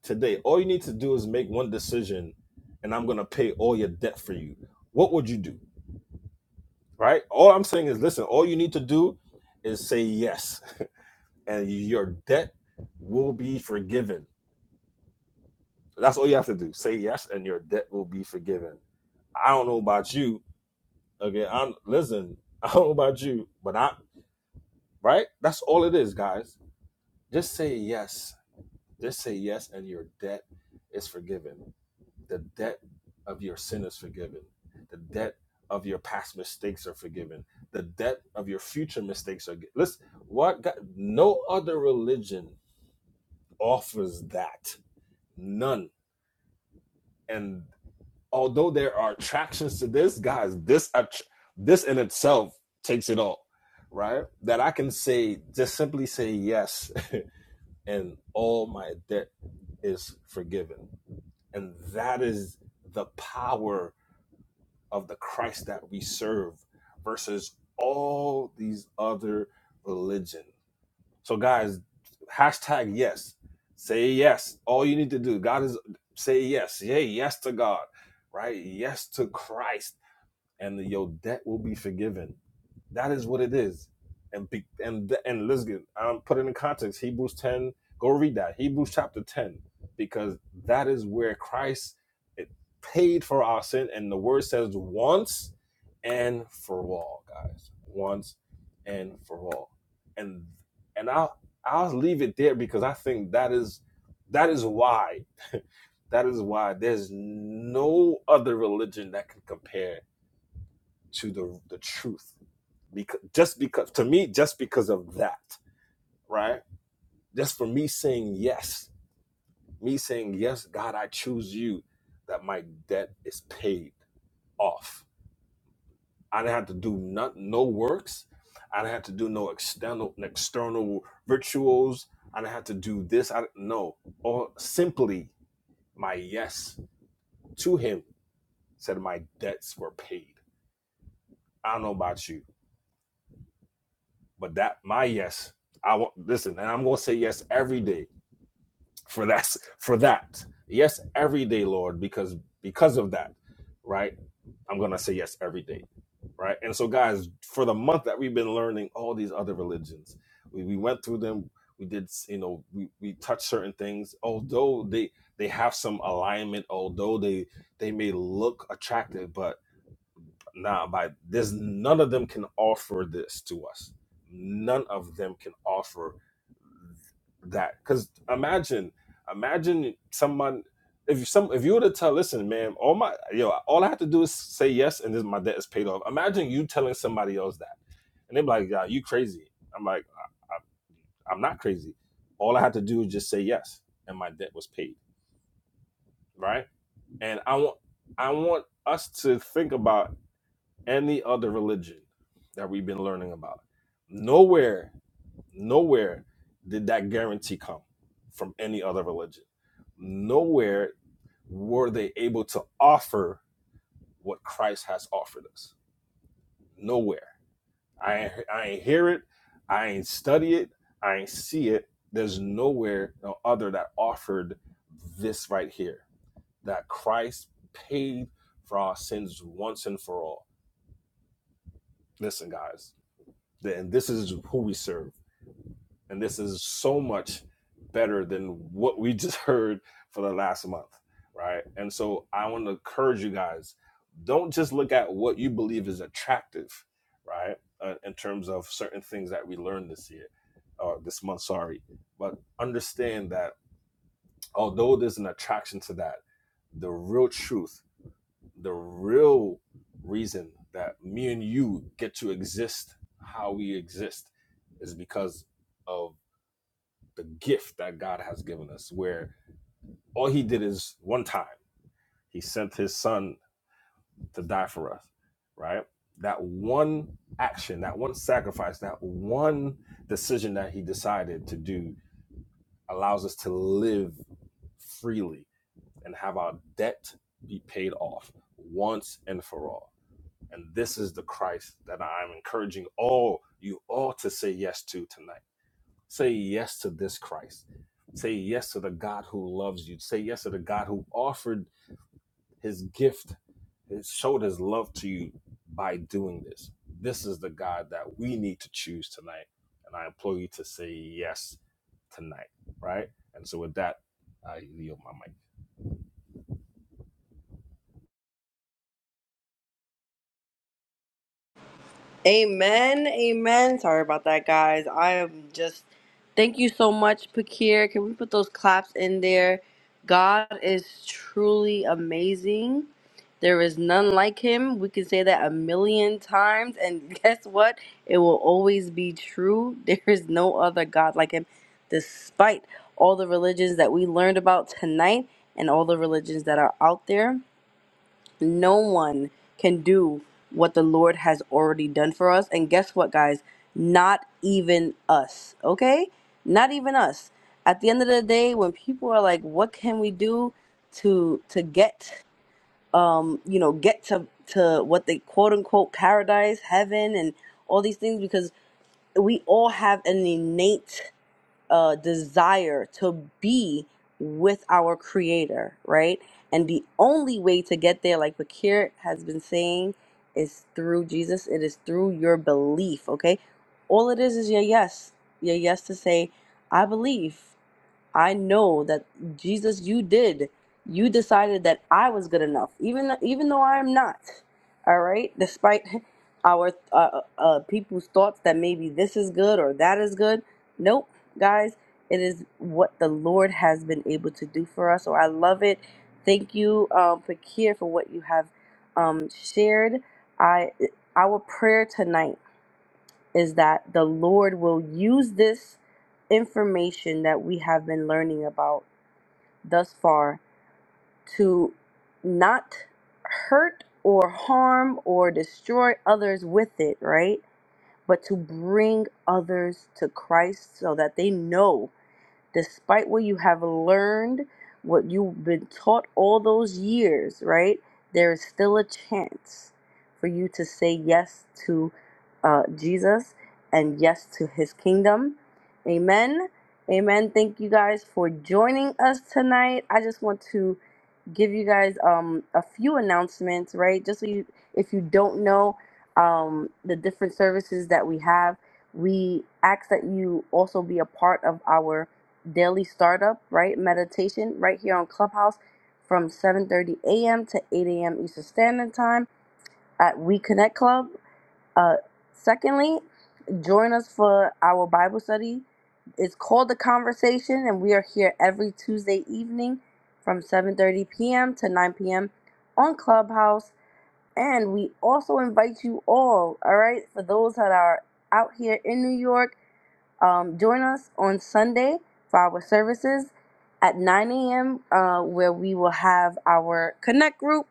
Speaker 10: today, all you need to do is make one decision and I'm gonna pay all your debt for you, what would you do? Right? All I'm saying is listen, all you need to do is say yes, and your debt will be forgiven That's all you have to do. Say yes, and your debt will be forgiven. I don't know about you. Okay, I'm listen. I don't know about you, but I right. That's all it is, guys. Just say yes. Just say yes, and your debt is forgiven. The debt of your sin is forgiven. The debt of your past mistakes are forgiven. The debt of your future mistakes are. Listen, what God, no other religion offers that. None. And although there are attractions to this, guys, this this in itself takes it all, right? That I can say just simply say yes, and all my debt is forgiven, and that is the power of the Christ that we serve versus all these other religion. So, guys, hashtag yes, say yes. All you need to do, God is say yes, yay, yes to God, right? Yes to Christ and your debt will be forgiven. That is what it is. And be, and and let's get um, put it in context. Hebrews ten. Go read that Hebrews chapter ten because that is where Christ it paid for our sin, and the word says once and for all, guys, once and for all. And and I'll I'll leave it there because I think that is that is why that is why there's no other religion that can compare to the the truth because just because to me just because of that right just for me saying yes me saying yes god i choose you that my debt is paid off i didn't have to do not, no works i didn't have to do no external external rituals i didn't have to do this i no or simply my yes to him said my debts were paid i don't know about you But that my yes, I will listen, and I'm gonna say yes every day for that for that. Yes, every day, Lord, because because of that, right? I'm gonna say yes every day, right? And so, guys, for the month that we've been learning all these other religions, we, we went through them. We did, you know, we, we touched certain things. Although they they have some alignment, although they they may look attractive, but Nah, by there's none of them can offer this to us. None of them can offer that. Because imagine, imagine someone if some if you were to tell, listen, man, all my yo, all I have to do is say yes, and this my debt is paid off. Imagine you telling somebody else that, and they're like, yeah, you crazy. I'm like, I, I, I'm not crazy. All I had to do is just say yes, and my debt was paid, right? And I want I want us to think about any other religion that we've been learning about. Nowhere, nowhere did that guarantee come from any other religion. Nowhere were they able to offer what Christ has offered us. Nowhere. I ain't, I ain't hear it. I ain't study it. I ain't see it. There's nowhere no other that offered this right here that Christ paid for our sins once and for all. Listen, guys And this is who we serve. And this is so much better than what we just heard for the last month, right? And so I want to encourage you guys don't just look at what you believe is attractive, right? Uh, in terms of certain things that we learned this year or this month, sorry, but understand that although there's an attraction to that, the real truth the real reason that me and you get to exist how we exist is because of the gift that God has given us, where all He did is one time, He sent His Son to die for us, right? That one action, that one sacrifice, that one decision that He decided to do allows us to live freely and have our debt be paid off once and for all And this is the Christ that I'm encouraging all you all to say yes to tonight. Say yes to this Christ. Say yes to the God who loves you. Say yes to the God who offered his gift, his, showed his love to you by doing this. This is the God that we need to choose tonight. And I implore you to say yes tonight, right? And so with that, I yield my mic.
Speaker 1: Amen. Amen. Sorry about that, guys. I am just. Thank you so much, Pakir. Can we put those claps in there? God is truly amazing. There is none like him. We can say that a million times. And guess what? It will always be true. There is no other God like him, despite all the religions that we learned about tonight and all the religions that are out there no one can do what the Lord has already done for us. And guess what, guys? Not even us, okay? Not even us. At the end of the day, when people are like, what can we do to to get um, you know, get to to what they quote unquote paradise, heaven and all these things because we all have an innate uh, desire to be with our creator, right? And the only way to get there, like Bakir has been saying, is through Jesus. It is through your belief, okay? All it is is your yes, your yes to say, I believe. I know that Jesus, you did. You decided that I was good enough, even even though I am not. All right, despite our uh, uh, uh, people's thoughts that maybe this is good or that is good. Nope, guys, it is what the Lord has been able to do for us. So I love it. Thank you, um, Pakir, for what you have um, shared. I our prayer tonight is that the Lord will use this information that we have been learning about thus far to not hurt or harm or destroy others with it, right? But to bring others to Christ so that they know despite what you have learned, what you've been taught all those years, right? There is still a chance for you to say yes to uh, Jesus and yes to his kingdom. Amen. Amen. Thank you guys for joining us tonight. I just want to give you guys um a few announcements, right? Just so you, if you don't know um the different services that we have, we ask that you also be a part of our daily startup, right? Meditation right here on Clubhouse from 7:30 a.m. to 8 a.m. Eastern Standard Time at We Connect Club. Uh, secondly, join us for our Bible study. It's called The Conversation, and we are here every Tuesday evening from 7.30 p.m. to 9 p.m. on Clubhouse. And we also invite you all, all right, for those that are out here in New York, um, join us on Sunday for our services at 9 a.m., uh, where we will have our Connect group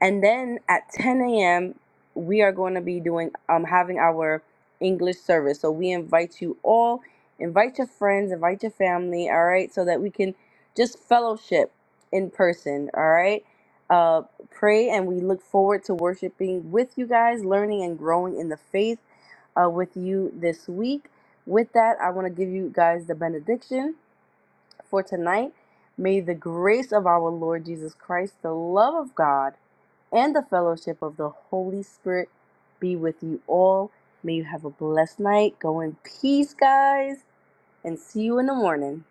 Speaker 1: and then at 10 a.m., we are going to be doing um having our English service. So we invite you all, invite your friends, invite your family, all right, so that we can just fellowship in person, all right? Uh pray and we look forward to worshiping with you guys, learning and growing in the faith uh, with you this week. With that, I want to give you guys the benediction for tonight. May the grace of our Lord Jesus Christ, the love of God, and the fellowship of the Holy Spirit be with you all. May you have a blessed night. Go in peace, guys, and see you in the morning.